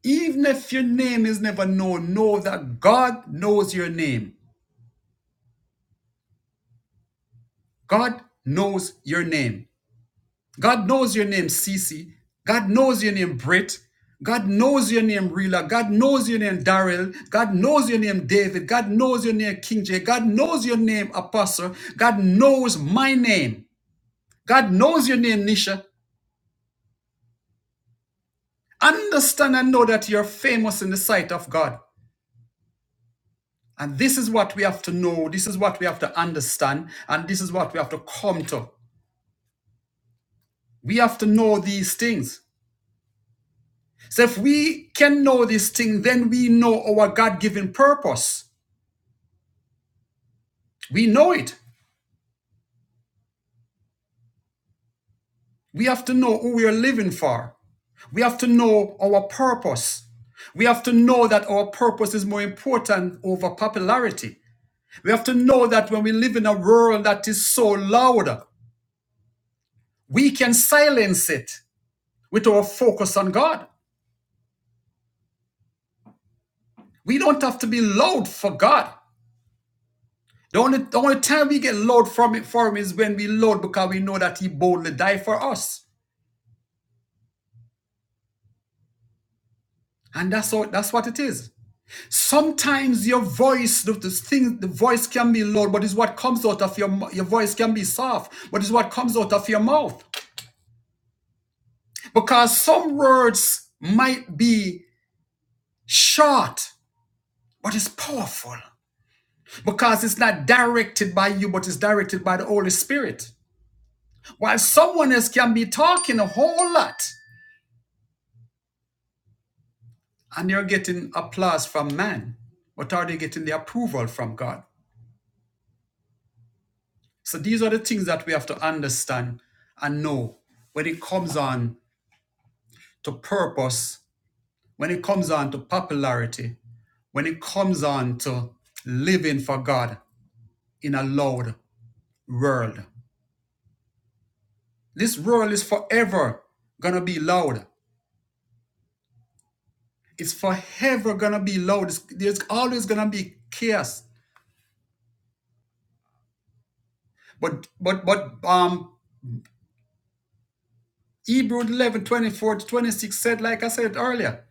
S1: even if your name is never known, know that God knows your name. God knows your name. God knows your name, Cece. God knows your name, Britt. God knows your name, Rila. God knows your name, Daryl. God knows your name, David. God knows your name, King J. God knows your name, Apostle. God knows my name. God knows your name, Nisha. Understand and know that you're famous in the sight of God. And this is what we have to know. This is what we have to understand. And this is what we have to come to. We have to know these things. So if we can know this thing, then we know our God given purpose. We know it. We have to know who we are living for. We have to know our purpose. We have to know that our purpose is more important over popularity. We have to know that when we live in a world that is so loud, we can silence it with our focus on God. We don't have to be loud for God. The only, the only time we get loud from it for him is when we loud because we know that he boldly died for us. And that's all, that's what it is. Sometimes your voice, the, the thing, the voice can be loud, but it's what comes out of your your voice can be soft, but it's what comes out of your mouth. Because some words might be short, but it's powerful. Because it's not directed by you, but it's directed by the Holy Spirit. While someone else can be talking a whole lot, and you're getting applause from man, but are they getting the approval from God? So these are the things that we have to understand and know when it comes on to purpose, when it comes on to popularity, when it comes on to living for God in a loud world. This world is forever gonna be loud. It's forever gonna be loud. It's- there's always gonna be chaos. But but but um Hebrew 11 24 to 26 said, like I said earlier,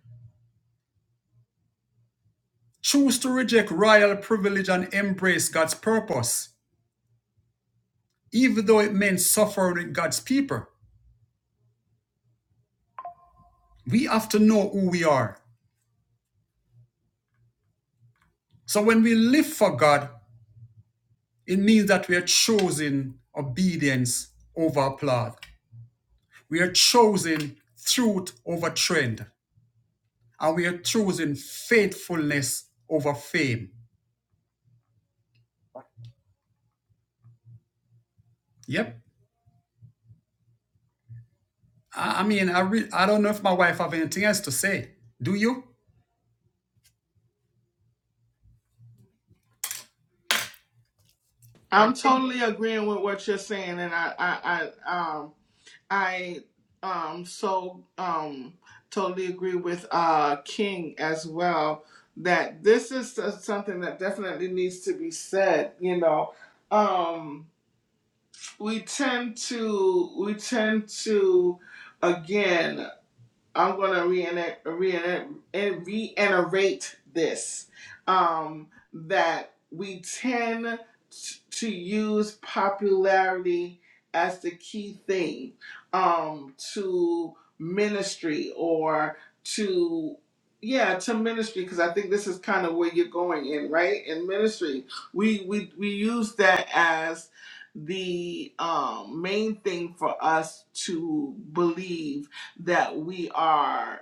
S1: choose to reject royal privilege and embrace God's purpose. even though it meant suffering with God's people. We have to know who we are. So when we live for God, it means that we are choosing obedience over applaud. We are choosing truth over trend. And we are choosing faithfulness over fame. Yep. I, I mean, I, re- I don't know if my wife have anything else to say. Do you?
S2: I'm
S1: Okay.
S2: totally agreeing with what you're saying, and I, I, I um, I um so um totally agree with uh King as well that this is s- something that definitely needs to be said, you know. Um we tend to we tend to again I'm gonna reenact, reenact, and reiterate this um, that we tend t- to use popularity as the key thing um, to ministry or to yeah to ministry because I think this is kind of where you're going in right in ministry we we we use that as the um, main thing for us to believe that we are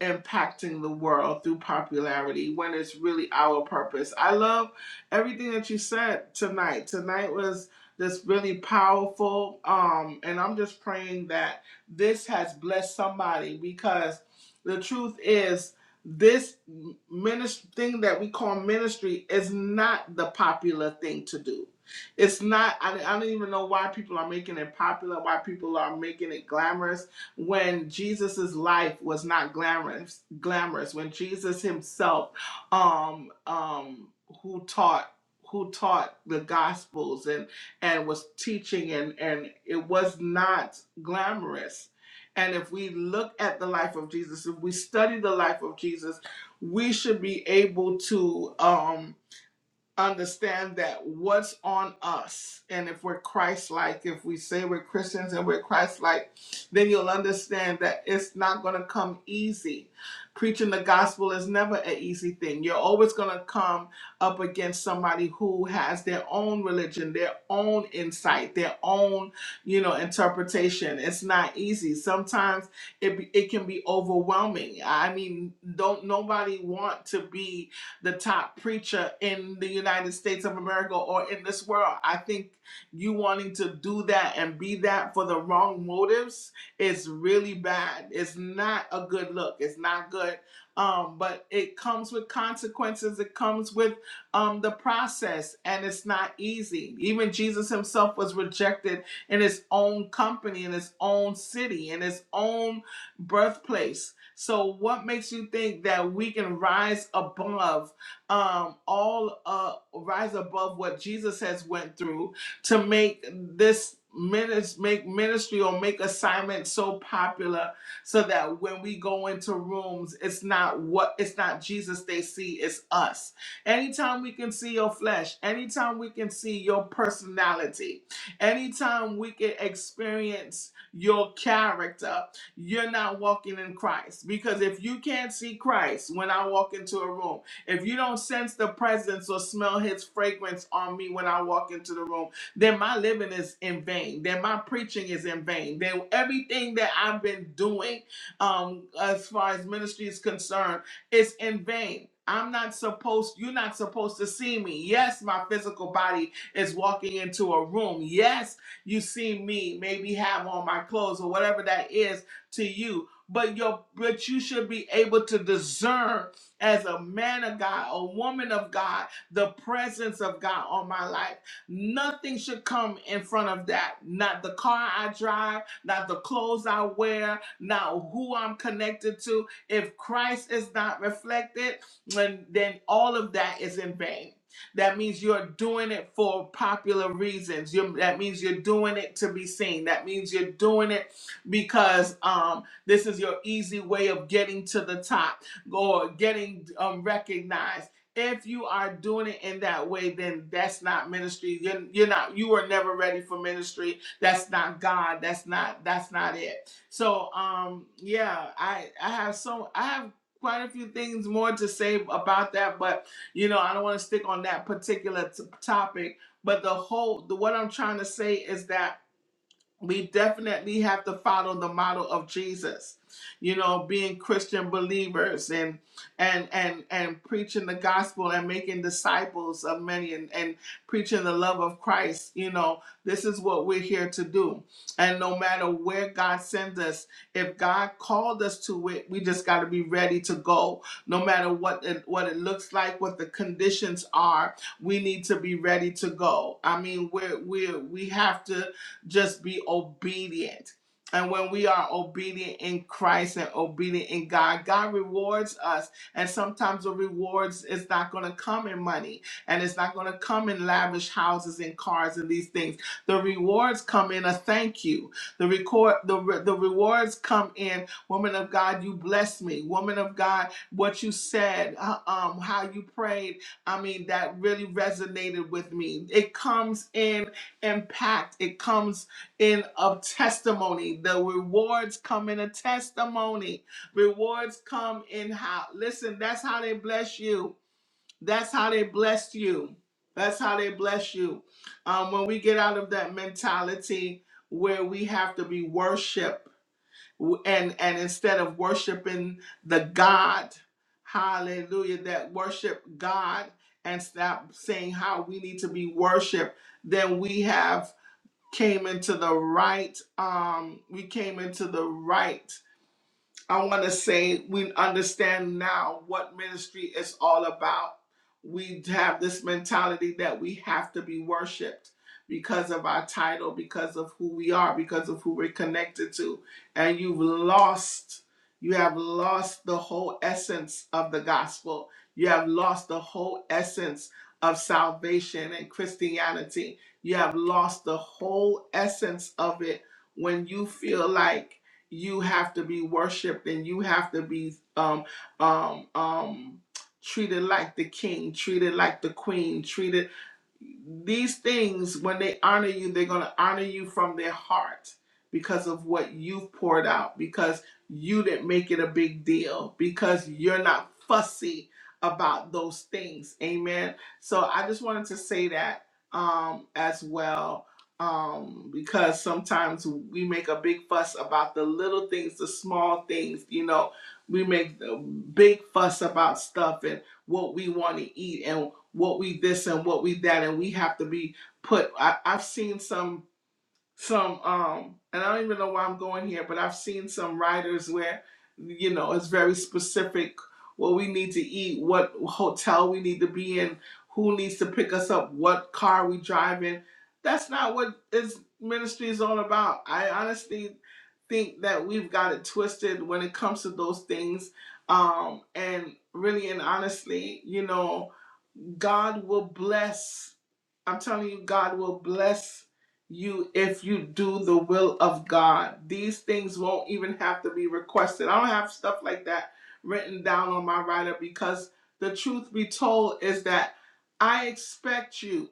S2: impacting the world through popularity when it's really our purpose. I love everything that you said tonight. Tonight was just really powerful. Um, and I'm just praying that this has blessed somebody because the truth is this ministry thing that we call ministry is not the popular thing to do. It's not, I, I don't even know why people are making it popular, why people are making it glamorous when Jesus's life was not glamorous, glamorous when Jesus himself, um, um, who taught who taught the gospels and and was teaching and and it was not glamorous and if we look at the life of jesus if we study the life of jesus we should be able to um understand that what's on us and if we're christ-like if we say we're christians and we're christ-like then you'll understand that it's not going to come easy preaching the gospel is never an easy thing you're always going to come up against somebody who has their own religion their own insight their own you know interpretation it's not easy sometimes it, be- it can be overwhelming i mean don't nobody want to be the top preacher in the United States of America or in this world. I think you wanting to do that and be that for the wrong motives is really bad. It's not a good look. It's not good. Um, but it comes with consequences. It comes with um, the process, and it's not easy. Even Jesus himself was rejected in his own company, in his own city, in his own birthplace. So, what makes you think that we can rise above? um, all uh, rise above what Jesus has went through to make this ministry make ministry or make assignment so popular so that when we go into rooms it's not what it's not Jesus they see it's us anytime we can see your flesh anytime we can see your personality anytime we can experience your character you're not walking in Christ because if you can't see Christ when I walk into a room if you don't sense the presence or smell his fragrance on me when I walk into the room, then my living is in vain. Then my preaching is in vain. Then everything that I've been doing um, as far as ministry is concerned is in vain. I'm not supposed, you're not supposed to see me. Yes, my physical body is walking into a room. Yes, you see me, maybe have on my clothes or whatever that is to you. But your but you should be able to discern as a man of God, a woman of God, the presence of God on my life. Nothing should come in front of that. Not the car I drive, not the clothes I wear, not who I'm connected to. If Christ is not reflected, then, then all of that is in vain. That means you're doing it for popular reasons. you that means you're doing it to be seen. That means you're doing it because um, this is your easy way of getting to the top or getting um, recognized. If you are doing it in that way, then that's not ministry. You're, you're not. You were never ready for ministry. That's not God. That's not. That's not it. So, um, yeah, I I have so I have quite a few things more to say about that, but you know, I don't want to stick on that particular t- topic. But the whole, the, what I'm trying to say is that we definitely have to follow the model of Jesus. You know, being Christian believers and and and and preaching the gospel and making disciples of many and, and preaching the love of Christ, you know, this is what we're here to do. And no matter where God sends us, if God called us to it, we just got to be ready to go. No matter what it, what it looks like, what the conditions are, we need to be ready to go. I mean, we're we are we have to just be obedient. And when we are obedient in Christ and obedient in God, God rewards us. And sometimes the rewards is not going to come in money and it's not going to come in lavish houses and cars and these things. The rewards come in a thank you. The record the re- the rewards come in, woman of God, you blessed me. Woman of God, what you said, uh, um how you prayed, I mean that really resonated with me. It comes in impact. It comes in a testimony. The rewards come in a testimony. Rewards come in how. Listen, that's how they bless you. That's how they bless you. That's how they bless you. Um, when we get out of that mentality where we have to be worship w- and and instead of worshiping the God, hallelujah, that worship God and stop saying how we need to be worshiped, then we have came into the right um we came into the right I want to say we understand now what ministry is all about. We have this mentality that we have to be worshiped because of our title, because of who we are, because of who we're connected to. And you've lost, you have lost the whole essence of the gospel. You have lost the whole essence of salvation and Christianity. You have lost the whole essence of it when you feel like you have to be worshipped and you have to be um um um treated like the king treated like the queen treated these things, when they honor you, they're going to honor you from their heart because of what you've poured out, because you didn't make it a big deal, because you're not fussy about those things. Amen. So I just wanted to say that um, as well. Um, because sometimes we make a big fuss about the little things, the small things, you know, we make the big fuss about stuff and what we want to eat and what we this and what we that and we have to be put I, i've seen some some um and i don't even know why i'm going here but i've seen some writers where you know it's very specific what we need to eat what hotel we need to be in who needs to pick us up what car we drive in that's not what his ministry is all about i honestly think that we've got it twisted when it comes to those things um and really and honestly you know God will bless I'm telling you, God will bless you if you do the will of God. These things won't even have to be requested. I don't have stuff like that written down on my writer because the truth be told is that I expect you.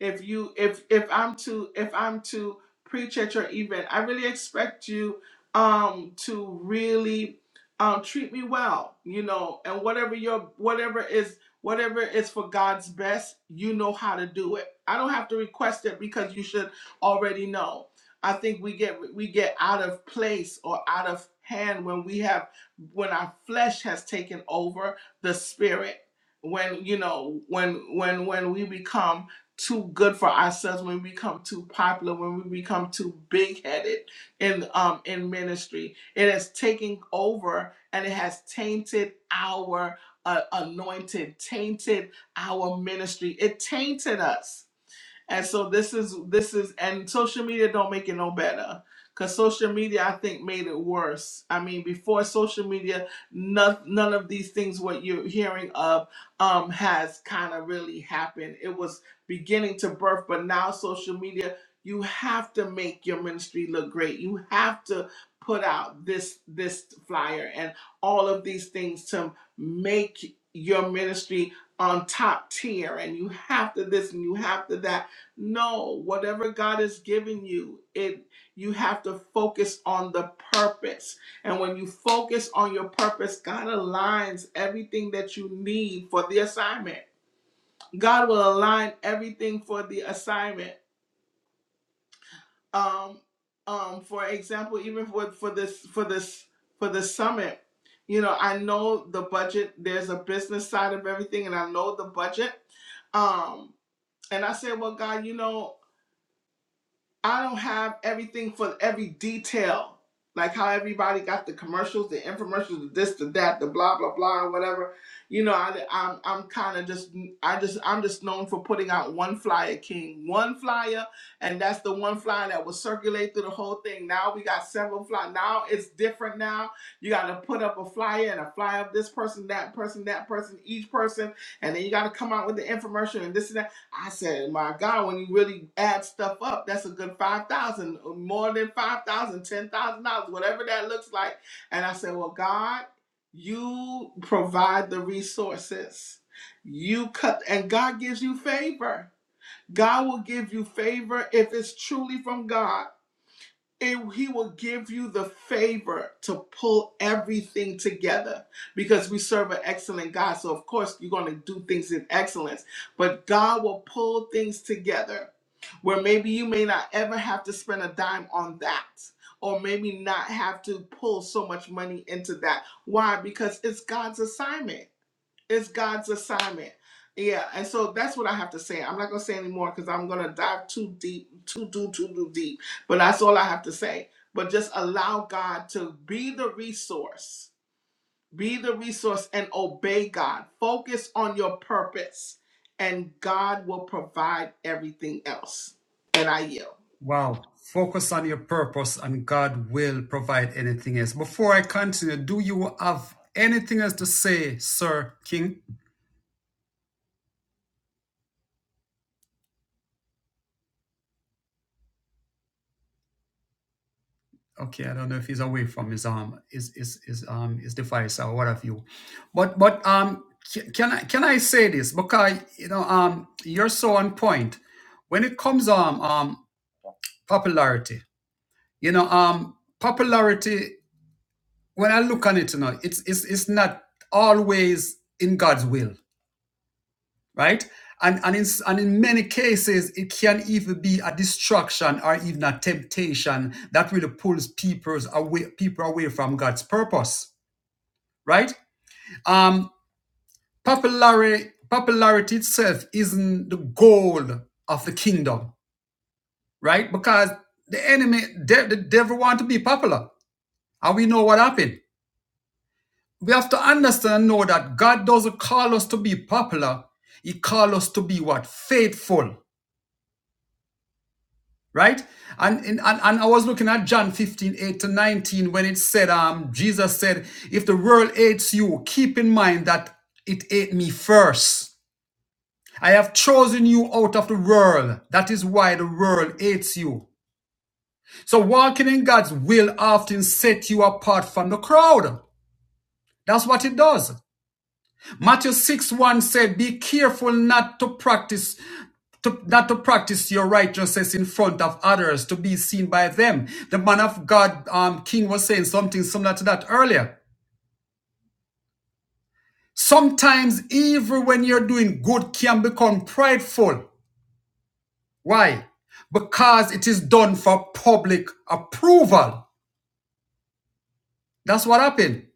S2: If you if if I'm to if I'm to preach at your event, I really expect you um to really um treat me well, you know, and whatever your whatever is whatever is for God's best, you know how to do it I don't have to request it because you should already know. I think we get we get out of place or out of hand when we have when our flesh has taken over the spirit. When you know when when when we become too good for ourselves, when we become too popular, when we become too big headed in um in ministry, it has taken over and it has tainted our uh, anointed, tainted our ministry. It tainted us and so this is this is and social media don't make it no better. Cause social media I think made it worse. I mean before social media none, none of these things what you're hearing of um has kind of really happened. It was beginning to birth, but now social media you have to make your ministry look great. You have to put out this this flyer and all of these things to make your ministry on top tier and you have to this and you have to that no, whatever God has given you, it you have to focus on the purpose. And when you focus on your purpose, God aligns everything that you need for the assignment. God will align everything for the assignment. Um, um, for example, even for for this for this for the summit, you know, I know the budget. There's a business side of everything, and I know the budget. Um, and I said, well, God, you know. I don't have everything for every detail. Like how everybody got the commercials, the infomercials, the this, the that, the blah blah blah, or whatever. You know, I, I'm I'm kind of just I just I'm just known for putting out one flyer, King, one flyer, and that's the one flyer that will circulate through the whole thing. Now we got several flyers. Now it's different. Now you got to put up a flyer and a flyer of this person, that person, that person, each person, and then you got to come out with the infomercial and this and that. I said, my God, when you really add stuff up, that's a good five thousand, uh, more than five thousand, ten thousand dollars, whatever that looks like. And I said, Well, God, you provide the resources. You cut and God gives you favor. God will give you favor if it's truly from God and he will give you the favor to pull everything together because we serve an excellent God. So, of course, you're going to do things in excellence, but God will pull things together where maybe you may not ever have to spend a dime on that. Or maybe not have to pull so much money into that. Why? Because it's God's assignment. It's God's assignment. Yeah, and so that's what I have to say. I'm not gonna say anymore because I'm gonna dive too deep, too too too too deep. But that's all I have to say. But just allow God to be the resource, be the resource, and obey God. Focus on your purpose, and God will provide everything else. And I yield.
S1: Wow. Focus on your purpose and God will provide anything else. Before I continue, do you have anything else to say, Sir King? Okay, I don't know if he's away from his um his his, his um his device or what have you. But but um ca- can I can I say this? Because you know, um you're so on point. When it comes um um popularity, you know, um popularity when I look on it, you know, it's it's it's not always in God's will right? And, and, in, and in many cases, it can even be a distraction or even a temptation that really pulls people away, people away from God's purpose, right? Um, popularity, popularity itself isn't the goal of the kingdom, right? Because the enemy, de- the devil want to be popular. And we know what happened. We have to understand and know that God doesn't call us to be popular. He calls us to be what? Faithful right and, and and i was looking at john 15 8 to 19 when it said um jesus said if the world hates you keep in mind that it ate me first i have chosen you out of the world that is why the world hates you so walking in god's will often set you apart from the crowd that's what it does Matthew 6 1 said, Be careful not to practice to, not to practice your righteousness in front of others to be seen by them. The man of God, um, King, was saying something similar to that earlier. Sometimes, even when you're doing good, can become prideful. Why? Because it is done for public approval. That's what happened.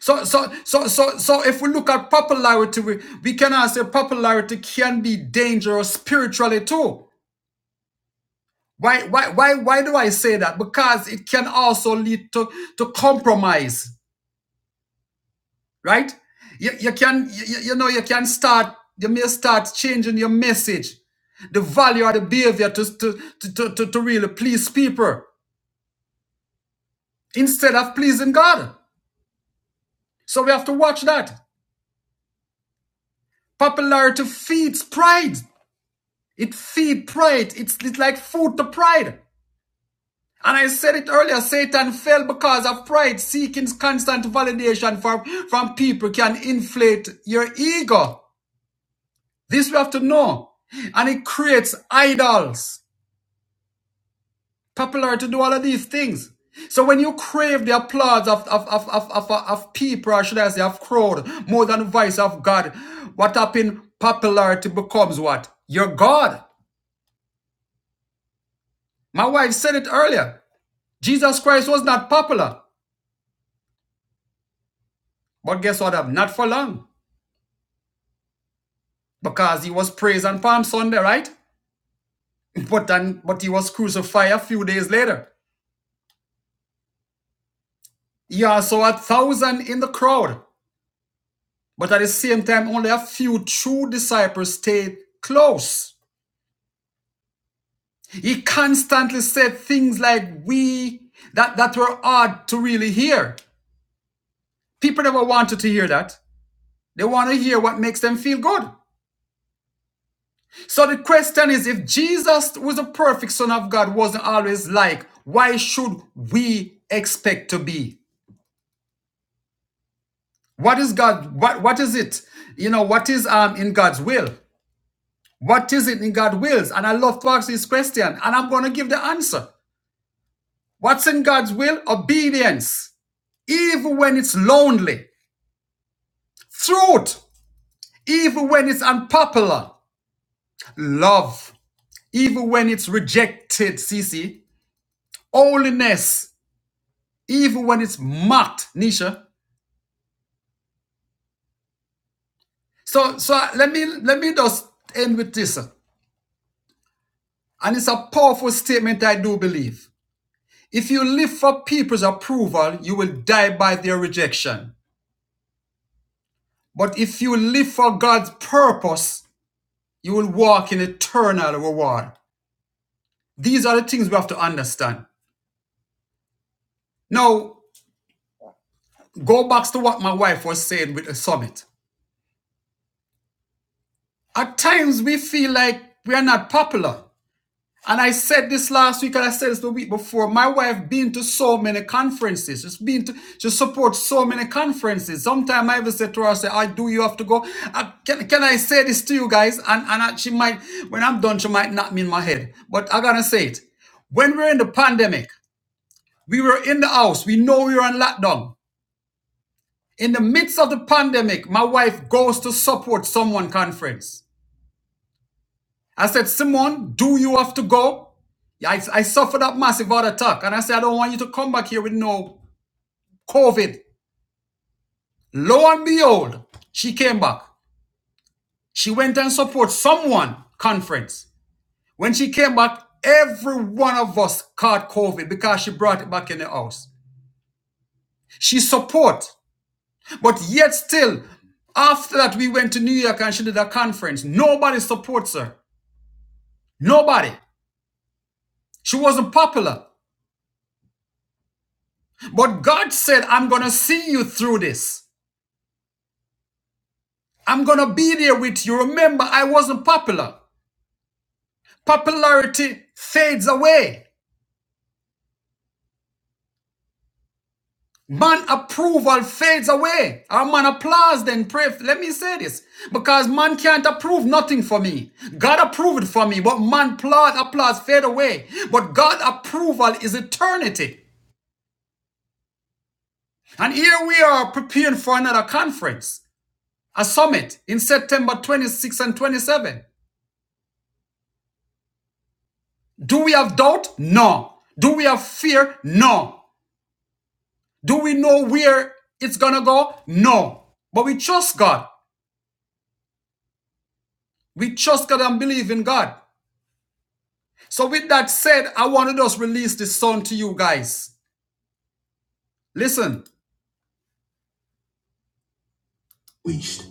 S1: So, so, so, so, so, if we look at popularity, we, we can say popularity can be dangerous spiritually too. Why, why, why, why do I say that? Because it can also lead to, to compromise, right? You, you can, you, you know, you can start, you may start changing your message, the value or the behavior to, to, to, to, to, to really please people instead of pleasing God. So we have to watch that. Popularity feeds pride. It feeds pride. It's, it's like food to pride. And I said it earlier, Satan fell because of pride. Seeking constant validation from, from people can inflate your ego. This we have to know. And it creates idols, popular to do all of these things. So when you crave the applause of, of, of, of, of, of people, or should I say, of crowd, more than the voice of God, what happened? Popularity becomes what? Your God. My wife said it earlier. Jesus Christ was not popular. But guess what? happened? Not for long. because he was praised on Palm Sunday, right? But then, but he was crucified a few days later. He also had thousand in the crowd, but at the same time, only a few true disciples stayed close. He constantly said things like "we" that that were hard to really hear. People never wanted to hear that. They want to hear what makes them feel good. So the question is, if Jesus, who is the perfect Son of God, wasn't always like, why should we expect to be? What is God? What what is it? You know, what is um in God's will? What is it in God's wills? And I love to ask this question, and I'm gonna give the answer. What's in God's will? Obedience, even when it's lonely, truth, even when it's unpopular, love, even when it's rejected, CC, holiness, even when it's mocked, Nisha. So so let me let me just end with this. And it's a powerful statement, I do believe. If you live for people's approval, you will die by their rejection. But if you live for God's purpose, you will walk in eternal reward. These are the things we have to understand. Now, go back to what my wife was saying with the summit. At times, we feel like we are not popular. And I said this last week, and I said this the week before. My wife been to so many conferences. She's been to she supports so many conferences. Sometimes I even said to her, I say, I do you have to go. I, can, can I say this to you guys? And and I, she might, when I'm done, she might knock me in my head. But I am going to say it. When we're in the pandemic, we were in the house. We know we were on lockdown. In the midst of the pandemic, my wife goes to support someone conference. I said, Simone, do you have to go? Yeah, I, I suffered that massive heart attack. And I said, I don't want you to come back here with no COVID. Lo and behold, she came back. She went and supported someone conference. When she came back, every one of us caught COVID because she brought it back in the house. She support. But yet still, after that, we went to New York and she did a conference. Nobody supports her. Nobody. She wasn't popular. But God said, I'm going to see you through this. I'm going to be there with you. Remember, I wasn't popular. Popularity fades away. Man approval fades away. Our man applause then pray. Let me say this. Because man can't approve nothing for me. God approved for me, but man applause, applause fade away. But God approval is eternity. And here we are preparing for another conference, a summit in September 26 and 27. Do we have doubt? No. Do we have fear? No. Do we know where it's gonna go? No. But we trust God. We trust God and believe in God. So, with that said, I want to just release this song to you guys. Listen. Reached.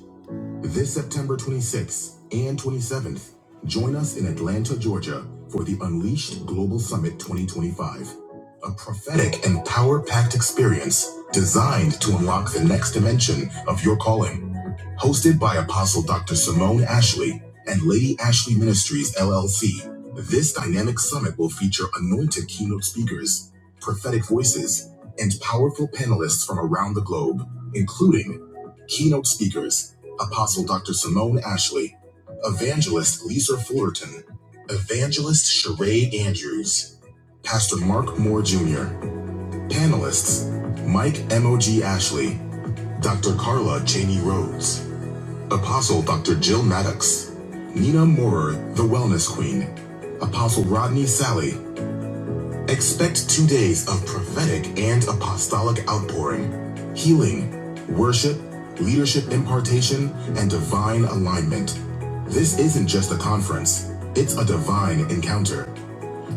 S1: This September 26th and 27th, join us in Atlanta, Georgia for the Unleashed Global Summit 2025, a prophetic and power packed experience designed to unlock the next dimension of your calling. Hosted by Apostle Dr. Simone Ashley and Lady Ashley Ministries, LLC, this dynamic summit will feature anointed keynote speakers, prophetic voices, and powerful panelists from around the globe, including Keynote speakers Apostle Dr. Simone Ashley, Evangelist Lisa Fullerton, Evangelist Sheree Andrews, Pastor Mark Moore Jr., panelists Mike M.O.G. Ashley, Dr. Carla Cheney Rhodes, Apostle Dr. Jill Maddox, Nina Moorer, the Wellness Queen, Apostle Rodney Sally, Expect two days of prophetic and apostolic outpouring, healing, worship, leadership impartation, and divine alignment. This isn't just a conference, it's a divine encounter.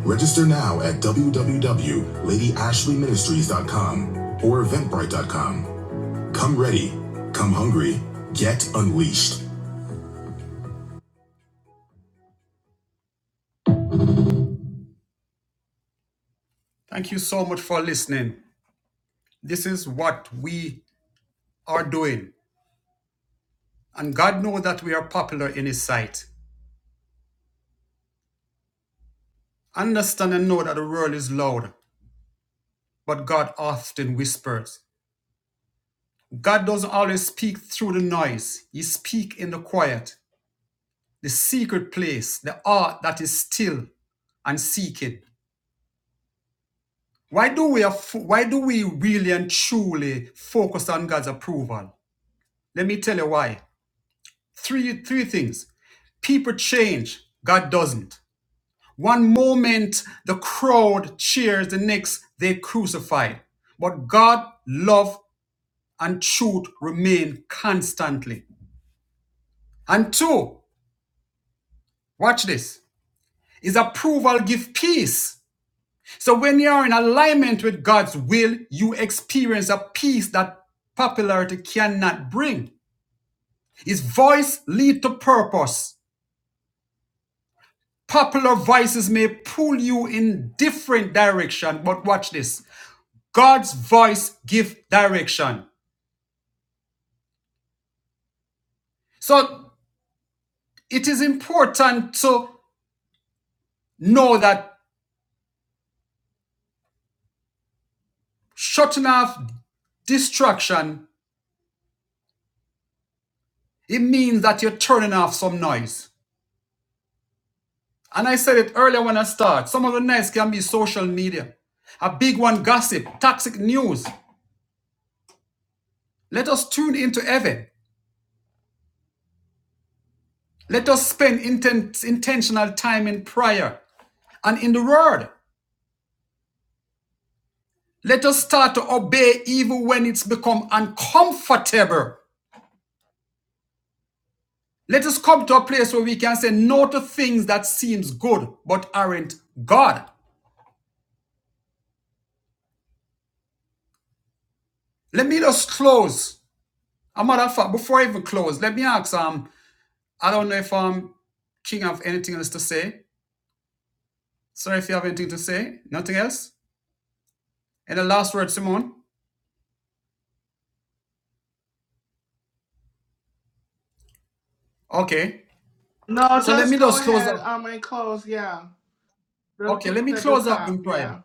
S1: Register now at www.ladyashleyministries.com or eventbrite.com. Come ready, come hungry, get unleashed. Thank you so much for listening. This is what we are doing, and God knows that we are popular in His sight. Understand and know that the world is loud, but God often whispers. God doesn't always speak through the noise. He speaks in the quiet, the secret place, the art that is still and seeking. Why do we aff- why do we really and truly focus on God's approval? Let me tell you why. Three three things. People change, God doesn't. One moment the crowd cheers, the next they crucify. But God love and truth remain constantly. And two, watch this, is approval give peace. So when you are in alignment with God's will, you experience a peace that popularity cannot bring. His voice lead to purpose. Popular voices may pull you in different direction, but watch this. God's voice give direction. So it is important to know that shutting off distraction It means that you're turning off some noise. And I said it earlier when I start. Some of the noise can be social media. A big one gossip, toxic news. Let us tune into heaven. Let us spend inten- intentional time in prayer and in the word. Let us start to obey even when it's become uncomfortable. Let us come to a place where we can say no to things that seems good but aren't God. Let me just close. A matter of fact, before I even close, let me ask um, I don't know if I'm king of anything else to say. Sorry if you have anything to say. Nothing else? And the last word, Simone? Okay.
S2: No,
S1: So let
S2: just
S1: me
S2: go
S1: just close
S2: ahead
S1: up.
S2: um and close. Yeah, the
S1: Okay,
S2: link
S1: let
S2: is
S1: me
S2: at the
S1: close up
S2: top.
S1: in prayer.
S2: Yeah,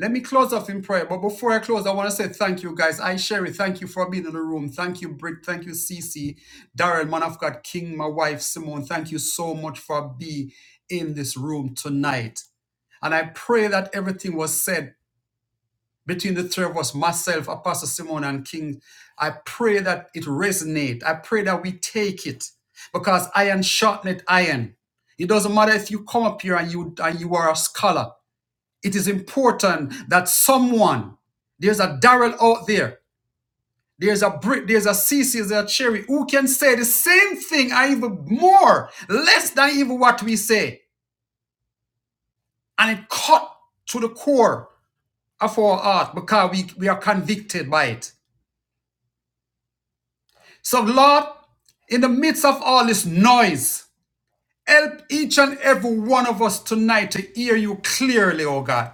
S1: Let me close up in prayer. But before I close, I want to say thank you, guys. I, Sherry, thank you for being in the room. Thank you, Britt. Thank you, Cece, Darren, man of God, King, my wife, Simone. Thank you so much for being in this room tonight. And I pray that everything was said between the three of us, myself, Apostle Simon, and King, I pray that it resonate. I pray that we take it because iron sharpened iron. It doesn't matter if you come up here and you and you are a scholar. It is important that someone, there's a Darrell out there, there's a Brit, there's a CC, there's a Cherry who can say the same thing and even more, less than even what we say. And it cut to the core of our heart because we, we are convicted by it. So, Lord, in the midst of all this noise, help each and every one of us tonight to hear you clearly, oh God.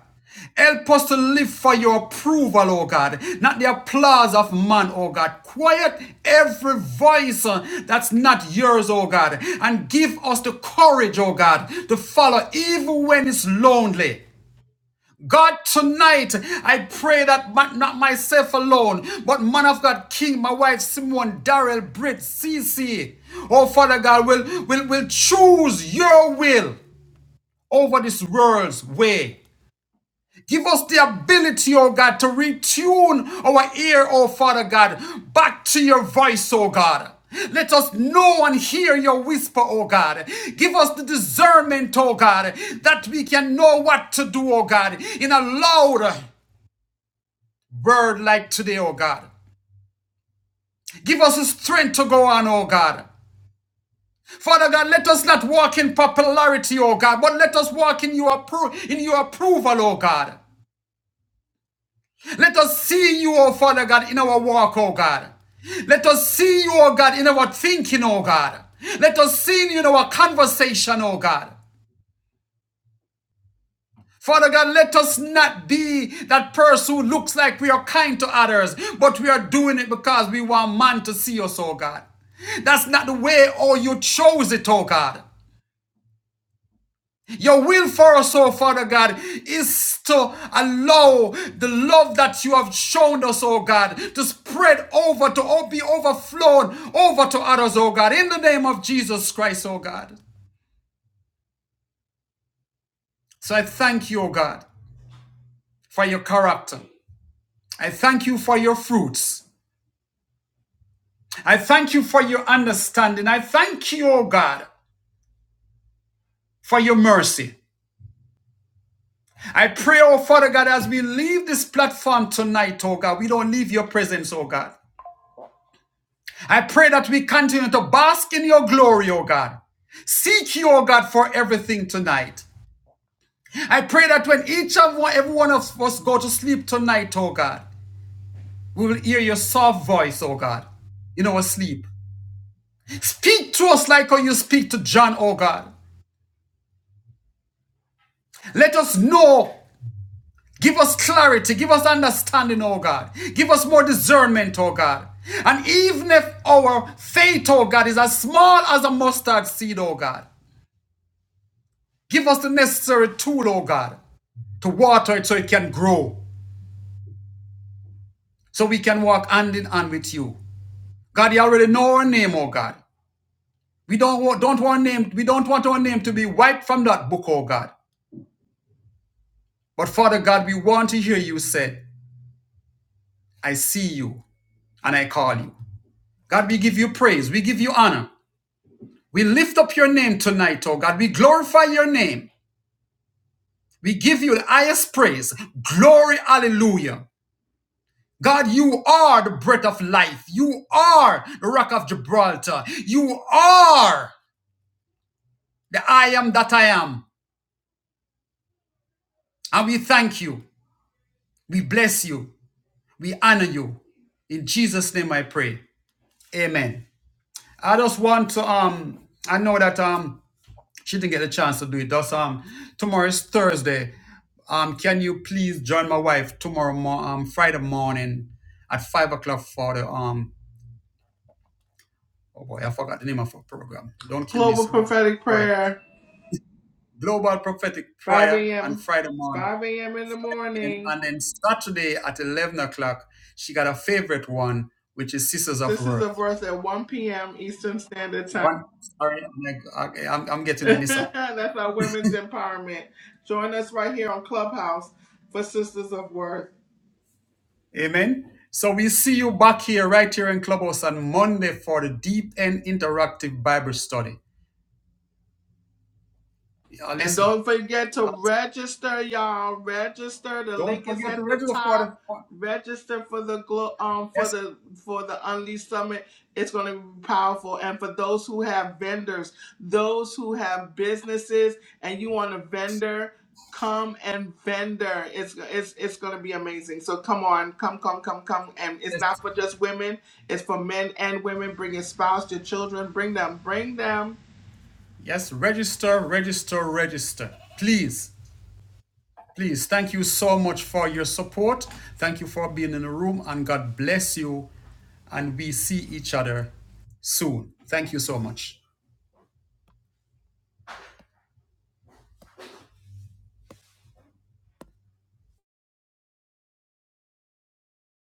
S1: Help us to live for your approval, oh God, not the applause of man, oh God. Quiet every voice uh, that's not yours, oh God, and give us the courage, oh God, to follow even when it's lonely. God, tonight I pray that my- not myself alone, but man of God, King, my wife Simone, Darrell, Britt, Cece, oh Father God, will will will choose your will over this world's way. Give us the ability, oh God, to retune our ear, oh Father God, back to your voice, oh God. Let us know and hear your whisper, oh God. Give us the discernment, oh God, that we can know what to do, oh God, in a louder word like today, oh God. Give us the strength to go on, oh God. Father God, let us not walk in popularity, oh God, but let us walk in your, appro- in your approval, oh God. Let us see you, oh Father God, in our walk, oh God. Let us see you, oh God, in our thinking, oh God. Let us see you in our conversation, oh God. Father God, let us not be that person who looks like we are kind to others, but we are doing it because we want man to see us, oh God. That's not the way, oh, you chose it, oh God. Your will for us, oh Father God, is to allow the love that you have shown us, oh God, to spread over, to o- be overflowed over to others, oh God, in the name of Jesus Christ, oh God. So I thank you, oh God, for your character. I thank you for your fruits. I thank you for your understanding. I thank you, oh God, for your mercy. I pray, oh Father God, as we leave this platform tonight, oh God, we don't leave your presence, oh God. I pray that we continue to bask in your glory, oh God. Seek you, oh God, for everything tonight. I pray that when each of one, every one of us go to sleep tonight, oh God, we will hear your soft voice, oh God in our sleep. Speak to us like how you speak to John, oh God. Let us know Give us clarity. Give us understanding, oh God. Give us more discernment, oh God. And even if our faith, oh God, is as small as a mustard seed, oh God, give us the necessary tool, oh God, to water it so it can grow, so we can walk hand in hand with you. God, you already know our name, oh God. We don't want, don't want name, we don't want our name to be wiped from that book, oh God. But Father God, we want to hear you say, I see you and I call you. God, we give you praise, we give you honor. We lift up your name tonight, oh God. We glorify your name. We give you the highest praise. Glory, hallelujah. God, you are the breath of life. You are the rock of Gibraltar. You are the I am that I am. And we thank you. We bless you. We honor you. In Jesus' name I pray. Amen. I just want to um I know that um She didn't get a chance to do it. Thus, um, tomorrow is Thursday. Um, can you please join my wife tomorrow, mo- um, Friday morning at five o'clock for the um. Oh boy, I forgot the name of her program. Don't kill me,
S2: global
S1: someone.
S2: prophetic
S1: Go ahead.
S2: prayer.
S1: Global prophetic
S2: 5
S1: prayer on
S2: a.m.
S1: Friday morning,
S2: 5 a.m. in the
S1: and,
S2: morning.
S1: and then Saturday at eleven o'clock, she got a favorite one, which is Sisters of
S2: Sisters of
S1: Worth.
S2: Worth at 1 p.m. Eastern Standard Time.
S1: One, sorry, I'm, like, I- I'm, I'm
S2: (laughs)
S1: getting a mix up.
S2: That's our women's empowerment. Join us right here on Clubhouse for Sisters of Worth.
S1: Amen. So we see you back here, right here in Clubhouse on Monday for the Deep End Interactive Bible Study. Yeah,
S2: And
S1: listen,
S2: don't forget to
S1: uh,
S2: register, y'all. Register. The
S1: don't
S2: link is
S1: forget to
S2: at the
S1: register for
S2: top.
S1: the for-
S2: Register for the glo- um for
S1: yes,
S2: the for the Unleashed Summit. It's going to be powerful. And for those who have vendors, those who have businesses, and you want to vendor, come and vendor. It's it's it's going to be amazing. So come on, come come come come. And it's
S1: yes,
S2: not for just women. It's for men and women. Bring your spouse, your children. Bring them. Bring them
S1: yes. Register, register, register. Please, please. Thank you so much for your support. Thank you for being in the room, and God bless you. And we see each other soon. Thank you so much.